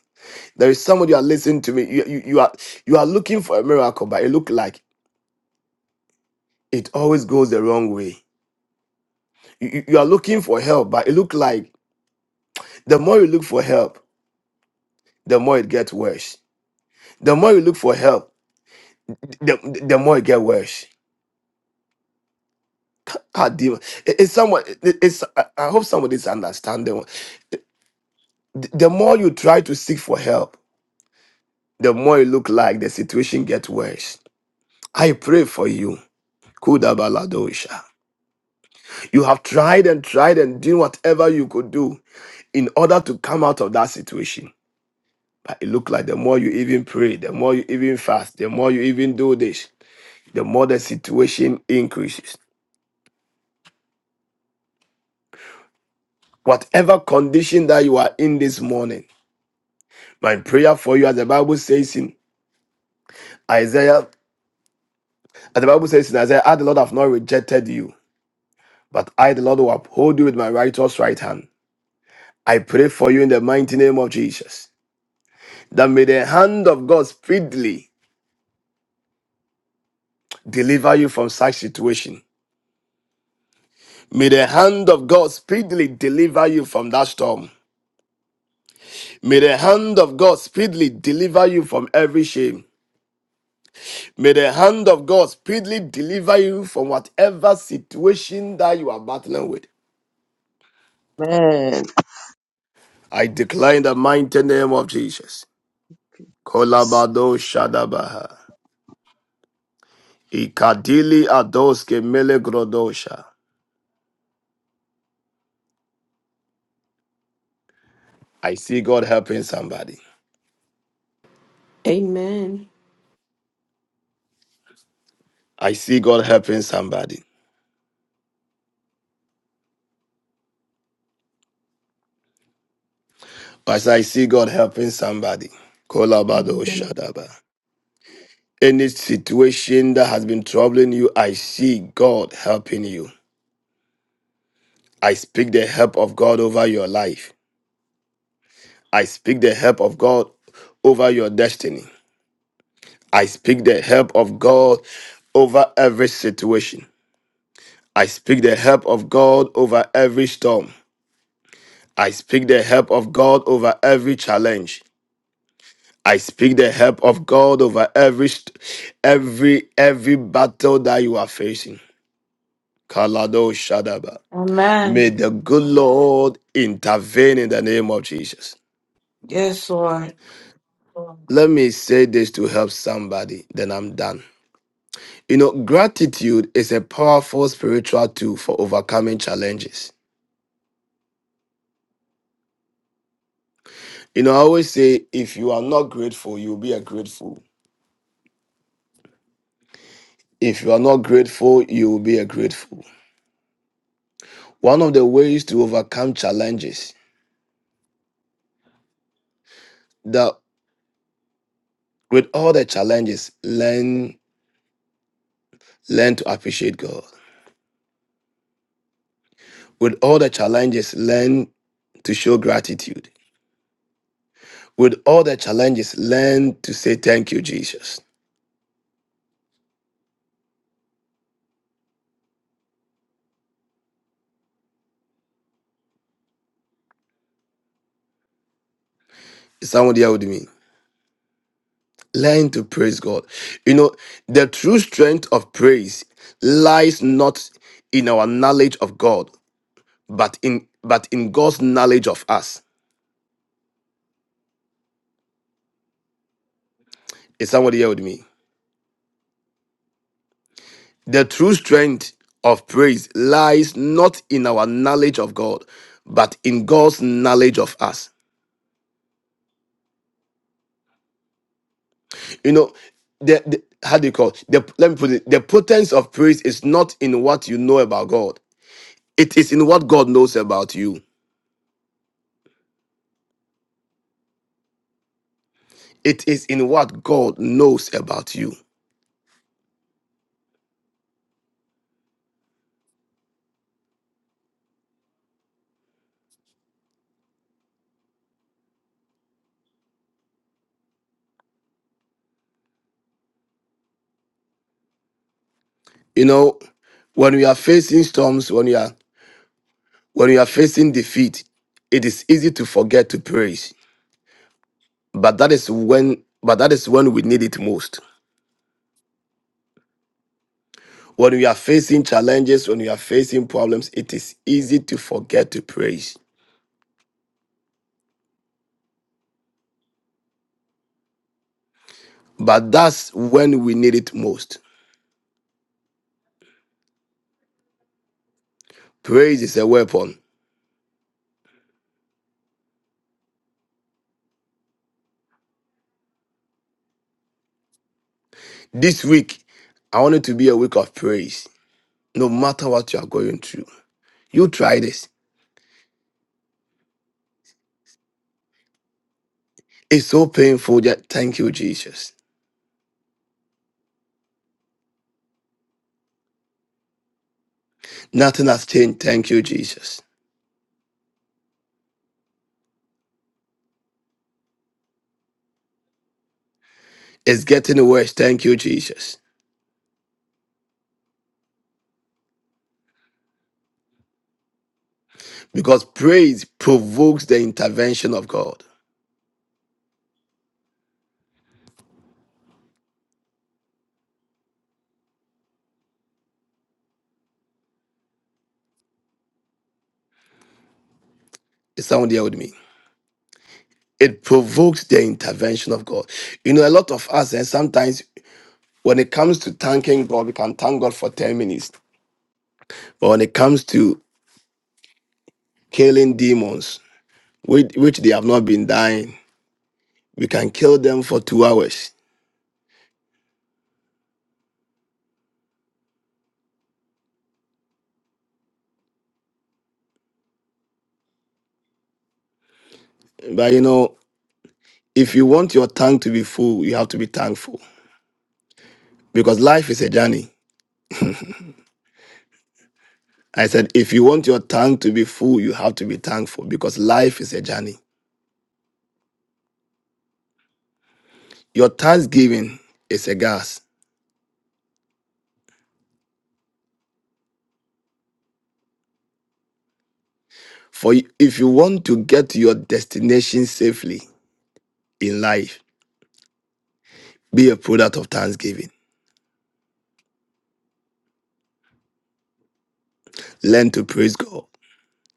Speaker 1: There is somebody you are listening to me. You, you, you are you are looking for a miracle, but it look like it always goes the wrong way. You, you you are looking for help, but it look like the more you look for help, the more it gets worse. The more you look for help, the, the the more it gets worse. Ah, demon. It- It's someone. it- It's. I I hope somebody is understanding. The the more you try to seek for help, the more you look like the situation gets worse. I pray for you Kudabaladosha. You have tried and tried and doing whatever you could do in order to come out of that situation. But it looked like the more you even pray, the more you even fast, the more you even do this, the more the situation increases. Whatever condition that you are in this morning, my prayer for you, as the Bible says in Isaiah, as the Bible says in Isaiah, I the Lord have not rejected you, but I the Lord will uphold you with my righteous right hand. I pray for you in the mighty name of Jesus. that may the hand of God speedily deliver you from such situation. May the hand of God speedily deliver you from that storm. May the hand of God speedily deliver you from every shame. May the hand of God speedily deliver you from whatever situation that you are battling with.
Speaker 9: Amen.
Speaker 1: I declare in the mighty name of Jesus. Kolabado Shadabaha. Ikadili Adoske Mele Grodosha. I see God helping somebody.
Speaker 8: Amen.
Speaker 1: I see God helping somebody. As I see God helping somebody, Kolabado Shadaba. Any situation that has been troubling you, I see God helping you. I speak the help of God over your life. I speak the help of God over your destiny. I speak the help of God over every situation. I speak the help of God over every storm. I speak the help of God over every challenge. I speak the help of God over every st- every every battle that you are facing. Kalado Shadaba.
Speaker 11: Amen.
Speaker 1: May the good Lord intervene in the name of Jesus.
Speaker 11: Yes, Lord.
Speaker 1: Let me say this to help somebody, then I'm done. You know, gratitude is a powerful spiritual tool for overcoming challenges. You know, I always say if you are not grateful, you'll be a grateful. If you are not grateful, you will be a grateful. One of the ways to overcome challenges the With all the challenges, learn learn to appreciate God. With all the challenges, learn to show gratitude. With all the challenges, learn to say thank you, Jesus. Is Someone here with me. Learn to praise God. You know, the true strength of praise lies not in our knowledge of God, but in but in God's knowledge of us. Is someone here with me? The true strength of praise lies not in our knowledge of God, but in God's knowledge of us. You know, the, the how do you call it? the let me put it the potency of praise is not in what you know about God. It is in what God knows about you. It is in what God knows about you. You know, when we are facing storms, when we are when we are facing defeat, it is easy to forget to praise. But that is when but that is when we need it most. When we are facing challenges, when we are facing problems, it is easy to forget to praise. But that's when we need it most. Praise is a weapon. This week, I want it to be a week of praise, no matter what you are going through. You try this. It's so painful that thank you, Jesus. Nothing has changed. Thank you, Jesus. It's getting worse. Thank you, Jesus. Because praise provokes the intervention of God. Is someone there with me? it provokes the intervention of God. You know, a lot of us, and sometimes when it comes to thanking God, we can thank God for 10 minutes. But when it comes to killing demons, which, which they have not been dying, we can kill them for two hours. But you know, if you want your tongue to be full, you have to be thankful because life is a journey. I said, if you want your tongue to be full, you have to be thankful because life is a journey. Your thanksgiving is a gas For if you want to get to your destination safely in life, be a product of thanksgiving. Learn to praise God.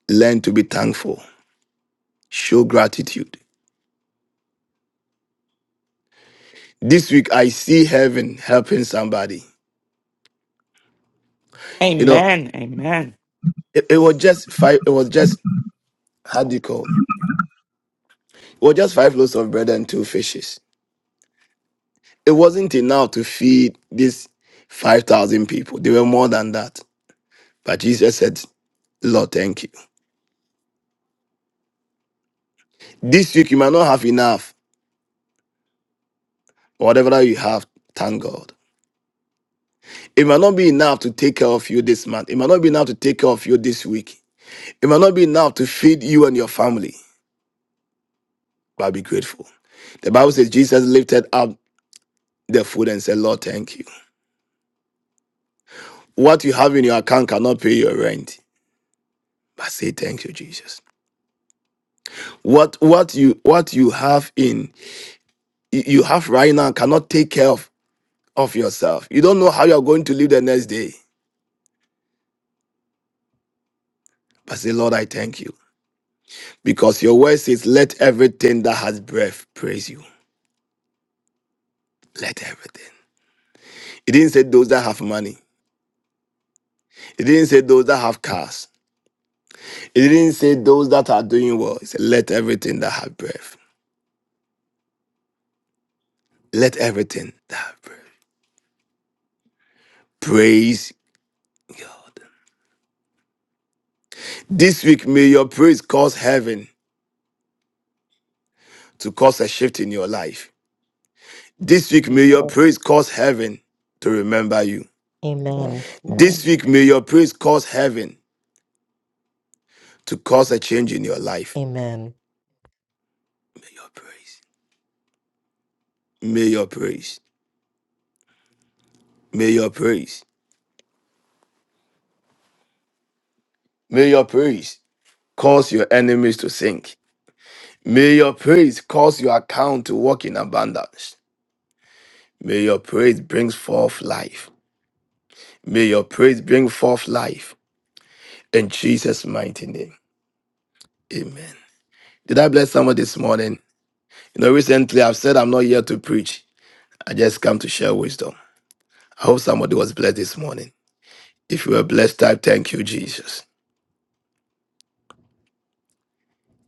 Speaker 1: Learn to be thankful. Show gratitude. This week I see heaven helping somebody. You know,
Speaker 6: Amen. Amen.
Speaker 1: it, it was just five, it was just how do you call? It It was just five loaves of bread and two fishes. It wasn't enough to feed these five thousand people. They were more than that. But Jesus said, Lord, thank you. This week you might not have enough. Whatever that you have, thank God. It might not be enough to take care of you this month. It might not be enough to take care of you this week. It might not be enough to feed you and your family, but be grateful. The Bible says Jesus lifted up the food and said, Lord, thank you. What you have in your account cannot pay your rent. But say thank you, Jesus. What what you what you have in you you have right now cannot take care of, of yourself. You don't know how you're going to live the next day. But say, Lord, I thank you. Because your word says, Let everything that has breath praise you. Let everything. It didn't say those that have money. It didn't say those that have cars. It didn't say those that are doing well. It said, let everything that have breath. Let everything that have breath. Praise God. This week, may your praise cause heaven to cause a shift in your life. This week, may your
Speaker 9: Amen.
Speaker 1: praise cause heaven to remember you.
Speaker 10: Amen.
Speaker 1: This
Speaker 9: Amen.
Speaker 1: week, may your praise cause heaven to cause a change in your life.
Speaker 10: Amen.
Speaker 1: May your praise. May your praise. May your praise. May your praise cause your enemies to sink. May your praise cause your account to walk in abundance. May your praise bring forth life. May your praise bring forth life. In Jesus' mighty name. Amen. Did I bless someone this morning? You know, recently I've said I'm not here to preach. I just come to share wisdom. I hope somebody was blessed this morning. If you were blessed, type thank you, Jesus.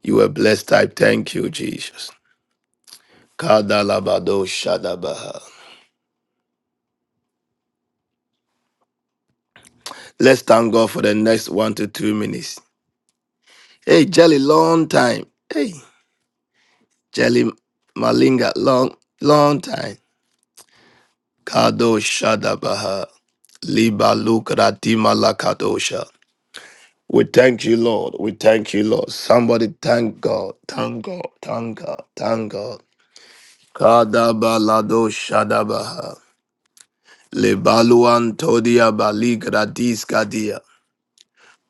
Speaker 1: You were blessed, type thank you, Jesus. Kadalabado shadabaha. Let's thank God for the next one to two minutes. Hey, Jelly, long time. Hey. Jelly Malinga, long, long time. Kado Shadabaha, Liba Lukratima Lakadosha. We thank you, Lord. We thank you, Lord. Somebody thank God. Thank God. Thank God. Thank God. Kadabalado Shadabaha. Lebaluan Todia Baligradis kadia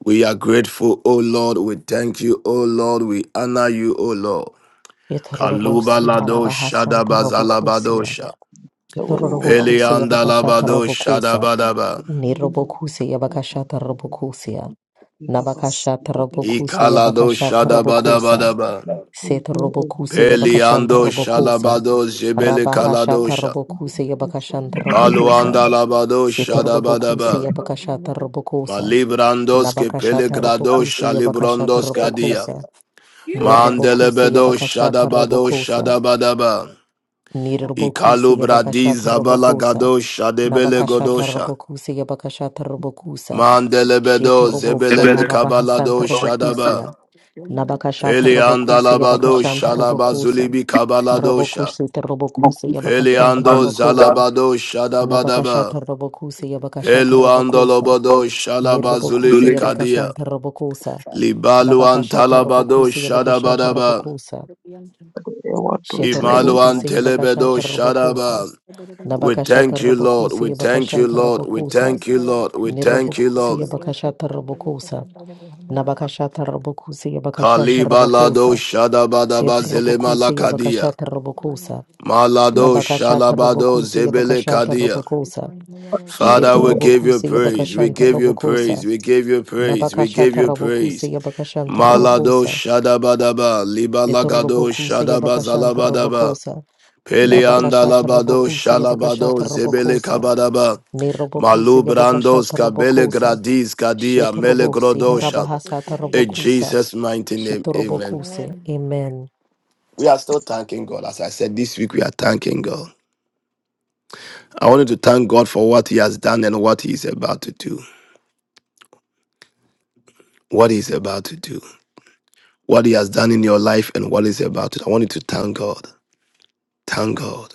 Speaker 1: We are grateful, O Lord. We thank you, O Lord. We honor you, O Lord.
Speaker 10: Yetorobosi
Speaker 1: Kalubalado
Speaker 10: harabahasan tarobokusia.
Speaker 1: Shadabazalabadosha.
Speaker 9: So when you want to
Speaker 10: Yetorobokusia bakashata
Speaker 1: Peliandalabado
Speaker 10: robokusa.
Speaker 1: Shadabadaba.
Speaker 10: Nirobokusia
Speaker 9: get
Speaker 10: bakashata robokusia.
Speaker 9: rid of us,
Speaker 10: Nabakashata
Speaker 9: get rid of us,
Speaker 10: robokusia
Speaker 1: Ikalado
Speaker 10: bakashata robokusa.
Speaker 1: Shadabadabadaba.
Speaker 9: we
Speaker 10: Set
Speaker 9: go over the
Speaker 10: robokusia
Speaker 9: river,
Speaker 10: bakashanta
Speaker 1: Peliando
Speaker 9: we go
Speaker 10: robokusa.
Speaker 1: Shalabado Zebele
Speaker 10: Rabahashata
Speaker 1: Kaladosha.
Speaker 10: Robokuse Yabakashanta Robokusa.
Speaker 1: Paluandalabado
Speaker 10: Sitorobokuse
Speaker 1: Shadabadaba.
Speaker 10: Yabakashata Robokusa.
Speaker 1: Malibrandoske
Speaker 10: Nabakashata
Speaker 1: Pelegrado
Speaker 10: Robokuse Yabakashata
Speaker 1: Shalibrondos Kadia.
Speaker 10: Robokusa.
Speaker 5: Amen.
Speaker 10: Nirobokuse
Speaker 1: Mandelebedo
Speaker 10: Yabakashata
Speaker 1: Shadabado
Speaker 10: Robokusa.
Speaker 1: Shadabadaba.
Speaker 10: Nirobokuse
Speaker 1: Ikalubradi
Speaker 10: Yabakashata Robokusa.
Speaker 1: Zabalagado Shadebele
Speaker 10: Nabakashata
Speaker 1: Godosha.
Speaker 10: Robokuse Yabakashata Robokusa.
Speaker 1: Mandelebedo
Speaker 5: Amen. Amen. Amen.
Speaker 10: Shetorobosa
Speaker 5: Amen.
Speaker 1: Zebelebe
Speaker 10: Harabahasanta
Speaker 1: Kabalado
Speaker 5: And
Speaker 1: Shadaba.
Speaker 10: Robokusia. Nabakashata
Speaker 1: Pelianda
Speaker 10: Robokuse
Speaker 1: labado
Speaker 10: Yabakashanta Robokusa.
Speaker 1: shalabazulibi kabaladosha.
Speaker 10: Robokusita Robokuse Yabakashanta
Speaker 1: Peliando
Speaker 10: Robokusa.
Speaker 5: that
Speaker 1: zalabado shadabadaba.
Speaker 10: Nabakashata Robokusa Yabakashata
Speaker 1: Peluando
Speaker 10: Robokosa.
Speaker 5: was
Speaker 1: lobodo
Speaker 10: Nirbokusa
Speaker 1: shalabazulibi
Speaker 5: Zulek.
Speaker 1: kadia.
Speaker 10: Yabakashanta Robokosa.
Speaker 1: Libaluan
Speaker 10: Nabakashata
Speaker 1: talabado
Speaker 10: Robokusa Yabakashanta
Speaker 1: shadabadaba.
Speaker 10: Robokosa.
Speaker 9: over the
Speaker 10: Shetor
Speaker 9: mountain, and you-
Speaker 1: Imaluan
Speaker 10: Robokusa
Speaker 1: telebedo
Speaker 10: Yabakashanta Robokosa.
Speaker 1: shadaba. We
Speaker 10: Nabakashata
Speaker 1: thank you, Lord.
Speaker 10: Robokusa
Speaker 1: We thank you,
Speaker 10: Yabakashanta
Speaker 1: Lord. We
Speaker 10: Robokosa.
Speaker 1: thank you, Lord. We thank you,
Speaker 10: Nirobokusa
Speaker 1: Lord.
Speaker 10: Yabakashata Robokosa. Nabakashata Robokusa Yabakashanta
Speaker 1: Kalibalado
Speaker 10: Robokosa.
Speaker 1: shadabadaba
Speaker 10: Setor Robokusa
Speaker 1: zelemalakadia.
Speaker 10: Yabakashata Robokosa.
Speaker 1: Malado
Speaker 10: Nabakashata
Speaker 1: shalabado
Speaker 10: Robokusa
Speaker 1: zebele
Speaker 10: Yabakashanta
Speaker 1: kadia.
Speaker 10: Robokosa.
Speaker 1: Father,
Speaker 10: Shetor
Speaker 1: we give you
Speaker 10: Robokusa
Speaker 1: praise. We
Speaker 10: Yabakashanta
Speaker 1: give you
Speaker 10: Robokosa.
Speaker 1: praise. We give you praise. We give
Speaker 10: Nabakashata
Speaker 1: you
Speaker 10: Rabokuse
Speaker 1: praise.
Speaker 10: Yabakashanta
Speaker 1: Malado
Speaker 10: Robokosa.
Speaker 1: shadabadaba, libalagado
Speaker 10: Etorobokuse Yabakashanta
Speaker 1: shadabazalabadaba,
Speaker 10: Robokosa.
Speaker 1: peleanda
Speaker 10: Nabakashata
Speaker 1: labado
Speaker 10: Robokuse
Speaker 1: shalabado
Speaker 10: Yabakashata
Speaker 1: zebele
Speaker 10: Robokosa.
Speaker 1: kabadaba,
Speaker 10: Nerobokuse
Speaker 1: malubrandos
Speaker 10: Yabakashata
Speaker 1: kabele
Speaker 10: Robokosa.
Speaker 1: gradis kadia
Speaker 10: Shetorobose
Speaker 1: melegrodosha.
Speaker 10: Harabahasata
Speaker 1: In
Speaker 10: Robokosa.
Speaker 1: Jesus' mighty name, amen.
Speaker 10: Shetorobokuse. Amen.
Speaker 1: We are still thanking God. As I said this week, we are thanking God. I wanted to thank God for what He has done and what He is about to do. What He is about to do. what He has done in your life and what is about to. I want you to thank God. Thank God.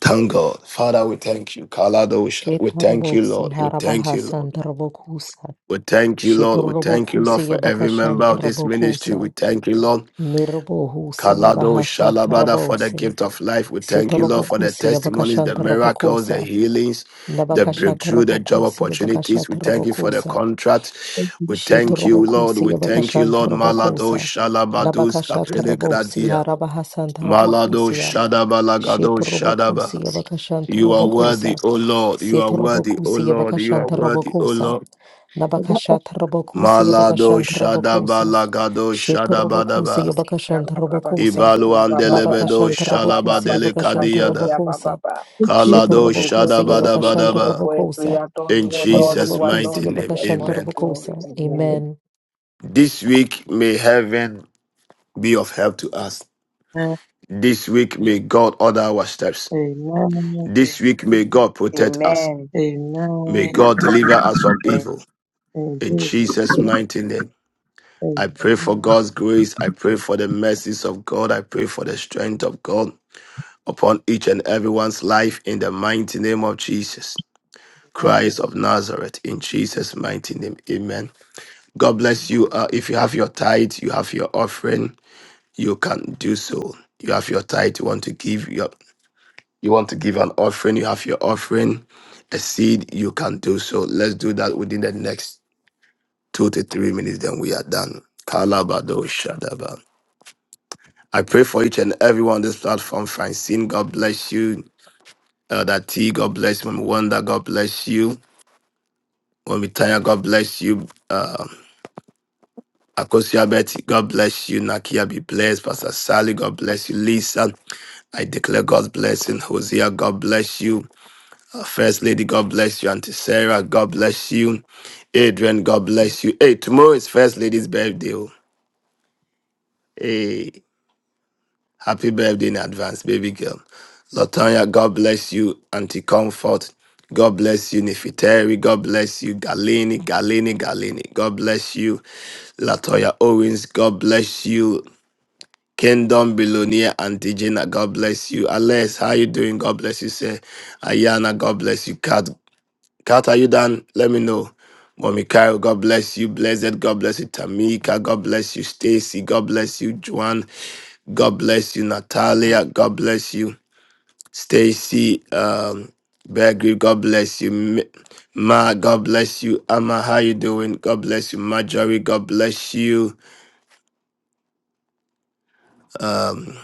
Speaker 1: Thank God. Father, we thank you. Kaladosha. We thank you,
Speaker 10: Shetorobose
Speaker 1: Lord. We thank you, Lord.
Speaker 10: Harabahasanta Robokosa.
Speaker 1: We thank you, Lord. We thank you, Lord,
Speaker 10: Shetorobokuse
Speaker 1: for every member
Speaker 10: Yabakashanta
Speaker 1: of this ministry. We
Speaker 10: Robokosa.
Speaker 1: thank you, Lord.
Speaker 10: Nerobohuse
Speaker 1: Kalado
Speaker 10: Yabahashata
Speaker 1: Shalabada for the
Speaker 10: Robose.
Speaker 1: gift of life. We thank you, Lord, for the
Speaker 10: Setorobokusi
Speaker 1: testimonies, the
Speaker 10: Yabakashanta
Speaker 1: miracles, the
Speaker 10: Robokosa,
Speaker 1: healings, the
Speaker 10: Nabakashata
Speaker 1: breakthrough, the job
Speaker 10: Robokusi
Speaker 1: opportunities. We
Speaker 10: Yabakashata
Speaker 1: thank you for the
Speaker 10: Robokosa,
Speaker 1: contract. We thank you, Lord.
Speaker 10: Shetorobokusi
Speaker 1: We thank you,
Speaker 10: Yabakashanta
Speaker 1: Lord. Malado
Speaker 10: Robokosa,
Speaker 1: Shalabadus
Speaker 10: Nabakashata
Speaker 1: Kapele
Speaker 10: Robosi
Speaker 1: Gradia.
Speaker 10: Harabahasanta
Speaker 1: Malado
Speaker 10: Robokusia,
Speaker 1: Shadaba Lagado Shadaba.
Speaker 10: Shetorobokusi Yabakashanta
Speaker 1: You are worthy,
Speaker 10: Robokosa,
Speaker 1: O Lord. You are worthy, O
Speaker 10: Setorobokusi
Speaker 1: Lord. You are
Speaker 10: Yabakashanta
Speaker 1: worthy, O
Speaker 10: Robokosa,
Speaker 1: Lord.
Speaker 10: Nabakashata Robokusi
Speaker 1: Malado
Speaker 10: Yabakashanta
Speaker 1: Shadaba
Speaker 10: Robokosa,
Speaker 1: Lagado Shadaba Daba.
Speaker 10: Shetorobokusi
Speaker 3: We
Speaker 10: Yabakashanta Robokosa,
Speaker 1: Ibalo Andelebedo
Speaker 10: Nabakashanta
Speaker 1: Shalaba
Speaker 10: Robokusi Yabakashanta
Speaker 1: Delicadiada.
Speaker 10: Robokosa,
Speaker 1: Kalado
Speaker 3: give you
Speaker 10: Shetorobokusi
Speaker 1: Shadaba
Speaker 3: we
Speaker 1: Daba
Speaker 3: give you
Speaker 1: Daba.
Speaker 3: we
Speaker 10: Yabakashantorobokosa.
Speaker 3: adore
Speaker 1: In
Speaker 3: you, Lord,
Speaker 1: Jesus'
Speaker 3: you are Lord,
Speaker 10: Nerobokusi
Speaker 1: mighty
Speaker 3: we
Speaker 1: name,
Speaker 3: take all the
Speaker 1: amen.
Speaker 3: glory.
Speaker 10: Yabakashantorobokosa.
Speaker 3: Amen.
Speaker 10: Amen.
Speaker 1: This week may heaven be of help to us.
Speaker 9: Amen.
Speaker 1: This week may God order our steps.
Speaker 9: Amen.
Speaker 1: This week may God protect us.
Speaker 3: Amen.
Speaker 1: May
Speaker 9: Amen. Amen.
Speaker 1: God deliver us from
Speaker 3: Amen.
Speaker 1: evil.
Speaker 9: In
Speaker 1: In
Speaker 9: Jesus'
Speaker 1: Jesus' mighty name. I pray for
Speaker 9: Amen
Speaker 1: God's grace. I pray for the mercies of God. I pray for the strength of God upon each and everyone's life in the mighty name of Jesus. Christ of Nazareth, in Jesus' mighty name. Amen. God bless you. Uh, if you have your tithe, you have your offering, you can do so. You have your tithe, you want to give your you want to give an offering, you have your offering, a seed, you can do so. Let's do that within the next two to three minutes, then we are done. Kalabado Shadaba. I pray for each and everyone on this platform. Francine, God bless you. Elder T, God bless you. Mami Wanda, God bless you. Mami Tanya, God bless you. Uh, Akosia Betty, God bless you. Nakia, be blessed. Pastor Sally, God bless you. Lisa, I declare God's blessing. Hosea, God bless you. Uh, First Lady, God bless you. Auntie Sarah, God bless you. Adrian, God bless you. Hey, tomorrow is First Lady's birthday. oh. Hey. Happy birthday in advance, baby girl. Latonya, God bless you. Auntie Comfort, God bless you. Nefiteri, God bless you. Galini, Galini, Galini, God bless you. Latoya Owens, God bless you. Kingdom Billionaire Auntie Gina, God bless you. Alex, how you doing? God bless you, sir. Ayana, God bless you. Kat. Kat, are you done? let me know. Mommy Kyle, God bless you. Blessed, God bless you. Tamika, God bless you. Stacy, God bless you. Juan, God bless you. Natalia, God bless you. Stacy, um, Bergri, God bless you. Mi- Ma, God bless you. Amma, how you doing? God bless you. Marjorie, God bless you. Um.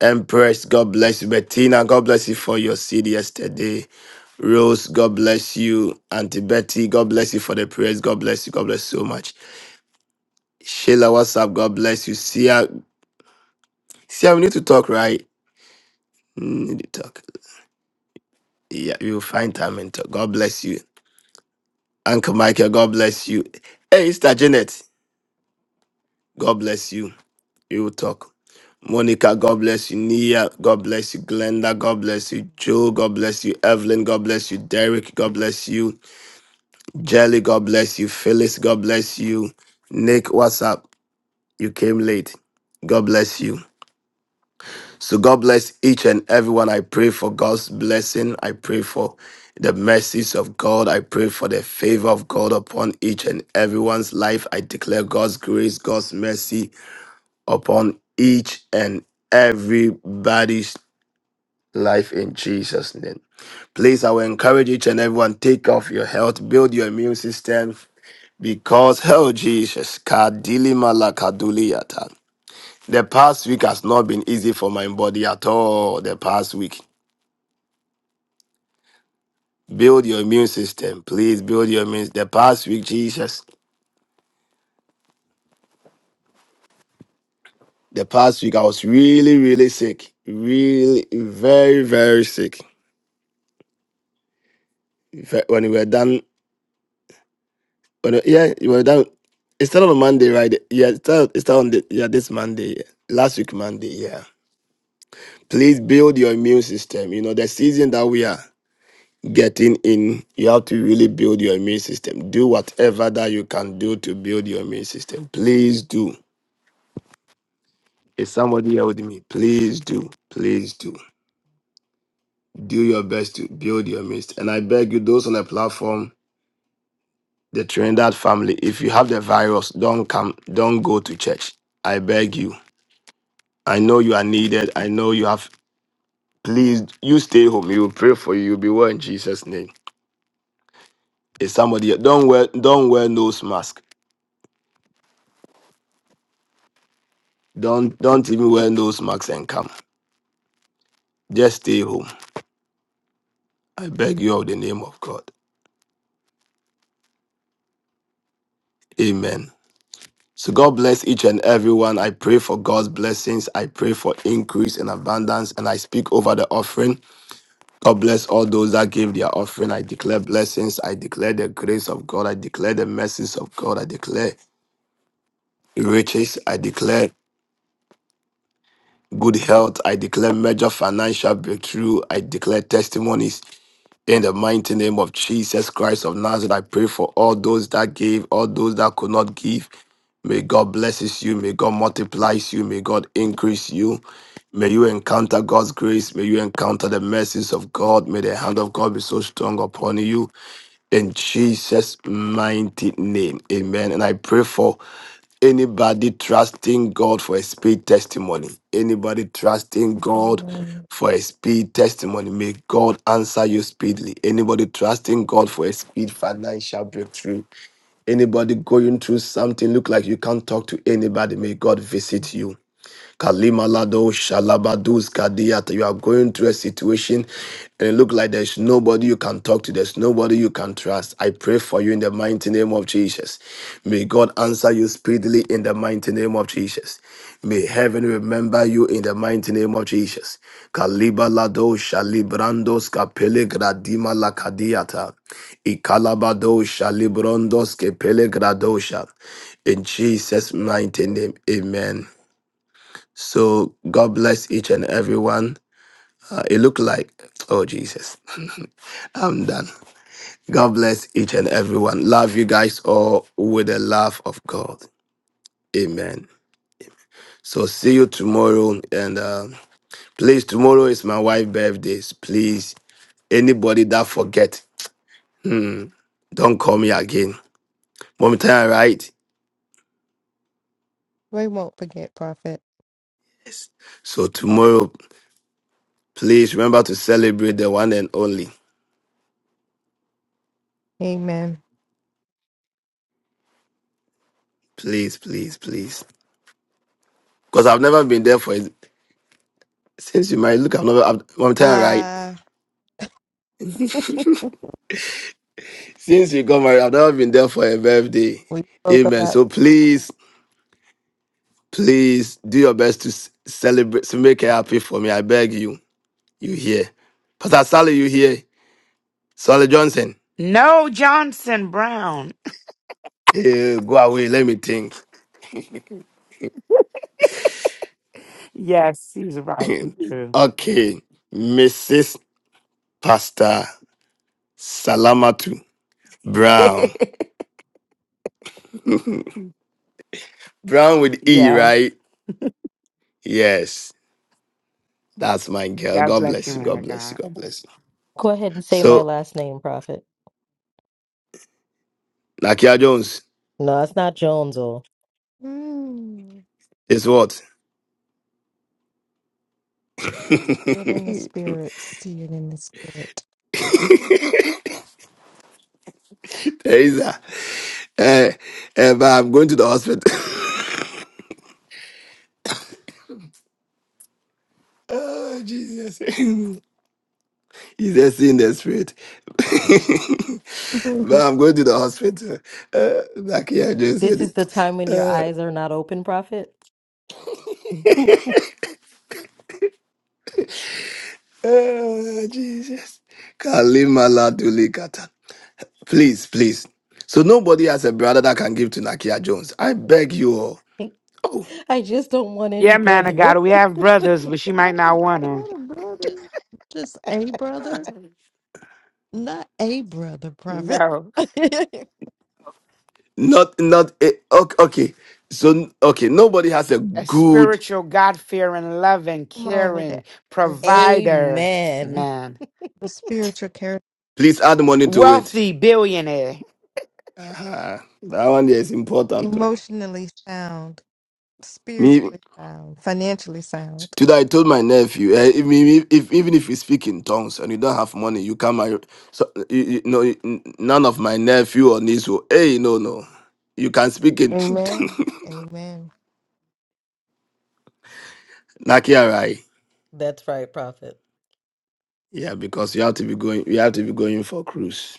Speaker 1: Empress, God bless you. Bettina, God bless you for your seed yesterday. Rose, God bless you. Auntie Betty, God bless you for the prayers. God bless you. God bless you so much. Sheila, what's up? God bless you. Sia, Sia, we need to talk, right? Mm, Need to talk. Yeah, we will find time and talk. God bless you. Uncle Michael, God bless you. Hey, Sister Janet, God bless you. We will talk. Monica, God bless you. Nia, God bless you. Glenda, God bless you. Joe, God bless you. Evelyn, God bless you. Derek, God bless you. Jelly, God bless you. Phyllis, God bless you. Nick, what's up? You came late. God bless you. So, God bless each and everyone. I pray for God's blessing. I pray for the mercies of God. I pray for the favor of God upon each and everyone's life. I declare God's grace, God's mercy upon each and everybody's life in Jesus' name. Please, I will encourage each and everyone take off your health, build your immune system, because hell, Jesus, kadili malakaduli yata. The past week has not been easy for my body at all. The past week, build your immune system, please build your immune. The past week, Jesus, the past week I was really, really sick, really very, very sick. Ve- When we were done But uh, yeah, it was that It started on Monday, right? Yeah, it started. It started on the, yeah this Monday, yeah. last week Monday. Yeah, please build your immune system. You know the season that we are getting in, you have to really build your immune system. Do whatever that you can do to build your immune system. Please do. Is somebody here with me? Please do. Please do. Do your best to build your immune system. And I beg you, those on the platform, the Trinidad family, if you have the virus, don't come, don't go to church. I beg you I know you are needed. I know you have. Please, you stay home. We will pray for you. You'll be well in Jesus' name. If somebody don't wear don't wear nose mask. Don't don't even wear nose masks and come. Just stay home. I beg you of the name of God. Amen. So God bless each and everyone. I pray for God's blessings. I pray for increase and abundance. And I speak over the offering. God bless all those that gave their offering. I declare blessings. I declare the grace of God. I declare the mercies of God. I declare riches. I declare good health. I declare major financial breakthrough. I declare testimonies in the mighty name of Jesus Christ of Nazareth. I pray for all those that gave, all those that could not give. May God blesses you. May God multiplies you. May God increase you. May you encounter God's grace. May you encounter the mercies of God. May the hand of God be so strong upon you in Jesus' mighty name. Amen. And I pray for Anybody trusting God for a speed testimony? Anybody trusting God
Speaker 4: Amen.
Speaker 1: for a speed testimony? May God answer you speedily. Anybody trusting God for a speed financial breakthrough? Anybody going through something look like you can't talk to anybody? May God visit you. Kalimalado Shalabadus Kadiata. You are going through a situation and it looks like there's nobody you can talk to, there's nobody you can trust. I pray for you in the mighty name of Jesus. May God answer you speedily in the mighty name of Jesus. May heaven remember you in the mighty name of Jesus. Kalibalado Shalibrandos Kapele Gradima Lakadiata. Ikalabado Shalibrondos Kepele Gradosha. In Jesus' mighty name, amen. So God bless each and everyone. Uh, it looked like, oh Jesus, I'm done. God bless each and everyone. Love you guys all with the love of God. Amen. So see you tomorrow. And uh, please, tomorrow is my wife's birthday. Please, anybody that forget, mm, don't call me again. Mom time, right?
Speaker 4: We won't forget, Prophet.
Speaker 1: Yes. So tomorrow, please remember to celebrate the one and only.
Speaker 4: Amen.
Speaker 1: Please, please, please. Because I've never been there for it Since you married, look, I've never, I've, I'm telling you,
Speaker 4: Ah,
Speaker 1: right? Since you got married, I've never been there for a birthday.
Speaker 4: we spoke
Speaker 1: Amen.
Speaker 4: about
Speaker 1: So please, please do your best to s- celebrate, to make it happy for me. I beg you. You hear? Pastor Sally, you hear? Sally Johnson,
Speaker 6: No, Johnson Brown.
Speaker 1: eh, go away. Let me think.
Speaker 6: Yes, he's right. True.
Speaker 1: okay. Mrs. Pastor Salamatu Brown. Brown with E,
Speaker 6: yes.
Speaker 1: right? Yes. That's my girl.
Speaker 6: God
Speaker 1: God
Speaker 6: bless you,
Speaker 1: bless you.
Speaker 6: man
Speaker 1: God
Speaker 6: of
Speaker 1: bless you.
Speaker 6: God.
Speaker 1: God bless you.
Speaker 10: Go ahead and say my
Speaker 1: So
Speaker 10: last name, Prophet.
Speaker 1: Nakia Jones
Speaker 10: No, it's not Jones. oh.
Speaker 4: mm,
Speaker 1: is what?
Speaker 4: get in the spirit, see it in the spirit.
Speaker 1: Teresa. Eh, eh, but I'm going to the hospital. oh, Jesus. He's a sin in the spirit. but
Speaker 4: Not
Speaker 1: I'm going to the hospital. Uh, Nakia Jones
Speaker 10: This
Speaker 1: said,
Speaker 10: is the
Speaker 1: it.
Speaker 10: time when your
Speaker 1: uh,
Speaker 10: eyes are not open, Prophet.
Speaker 1: oh, Jesus. Kalima Laduli Kata. Please, please. So nobody has a brother that can give to Nakia Jones. I beg you all. Oh.
Speaker 10: I just don't want any
Speaker 6: Yeah, man of
Speaker 10: brother.
Speaker 6: God. We have brothers, but she might not want them.
Speaker 4: a brother, just a brother. Not a brother prophet.
Speaker 6: No.
Speaker 4: Come
Speaker 1: Not, not, eh, okay, okay. So, okay, nobody has a
Speaker 6: A
Speaker 1: good,
Speaker 6: spiritual, God fearing, loving,
Speaker 4: on with
Speaker 6: caring
Speaker 4: that. It's
Speaker 6: provider,
Speaker 10: Amen.
Speaker 6: man.
Speaker 4: the spiritual character,
Speaker 1: please add money to it.
Speaker 6: Wealthy billionaire.
Speaker 1: uh That one there is important. Though.
Speaker 4: emotionally sound, spiritually
Speaker 1: Me,
Speaker 4: sound, financially sound.
Speaker 1: today I told my nephew, eh, if, if, if, even if you speak in tongues and you don't have money, you can't marry. So, you, you know, n- none of my nephew or niece will, hey, no, no. You can speak in
Speaker 4: Amen. Amen.
Speaker 1: Nakiarai. Yeah, because you have to be going, you have to be going for cruise.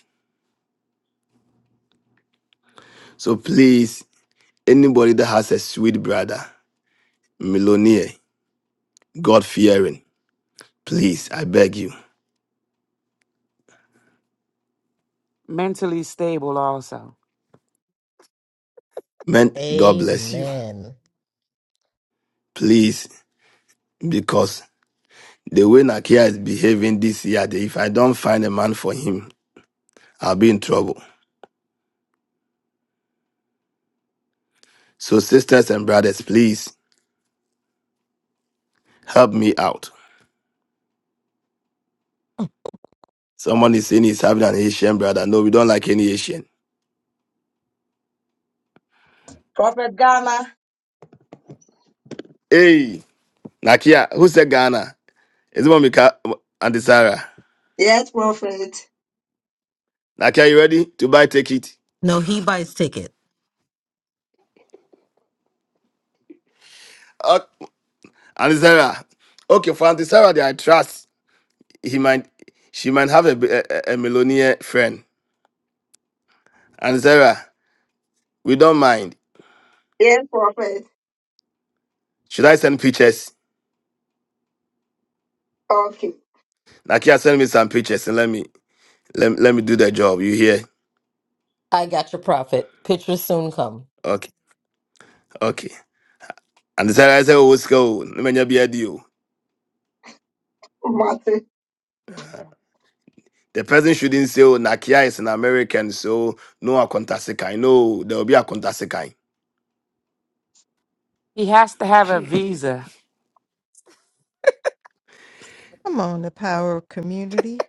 Speaker 1: So please, anybody that has a sweet brother, millionaire. God fearing. Please, I beg you.
Speaker 6: Mentally stable, also.
Speaker 1: Man, God bless you. Please, because the way Nakia is behaving this year, if I don't find a man for him, I'll be in trouble. So, sisters and brothers, please help me out. Someone is saying he's having an Asian brother. No, we don't like any Asian.
Speaker 3: Prophet Ghana.
Speaker 1: Hey, Nakia, who said Ghana? Is it Momika Auntie Sarah?
Speaker 3: Yes, prophet.
Speaker 1: Nakia, you ready to buy ticket?
Speaker 10: No, he buys ticket.
Speaker 1: Uh, Auntie Sarah. Okay, for Auntie Sarah, I trust. he might she might have a a a millionaire friend. And Zara, we don't mind.
Speaker 3: Yes, prophet.
Speaker 1: Should I send pictures?
Speaker 3: Okay.
Speaker 1: Nakia, send me some pictures and let me let, let me do the job. You hear?
Speaker 10: I got your prophet. Pictures soon come.
Speaker 1: Okay, okay. And Zara I said, "Oh, what's going? on? Let me be a deal." The person shouldn't say, "Oh, Nakia is an American, so no akontasekai. No, there will be akontasekai."
Speaker 6: He has to have a visa.
Speaker 4: Come on, the power of community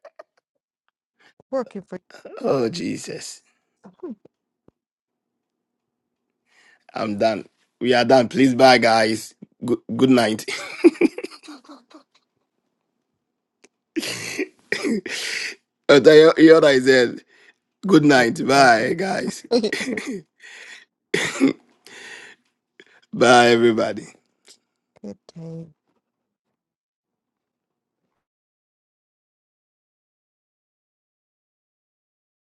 Speaker 4: working for
Speaker 1: oh Jesus,
Speaker 4: you.
Speaker 1: I'm done. We are done. Please, bye, guys. Good good night. But I hear- hear what I said. Good
Speaker 4: Good
Speaker 1: night. Bye,
Speaker 4: prophet.
Speaker 1: guys.
Speaker 4: Good
Speaker 1: Bye, everybody.
Speaker 4: day.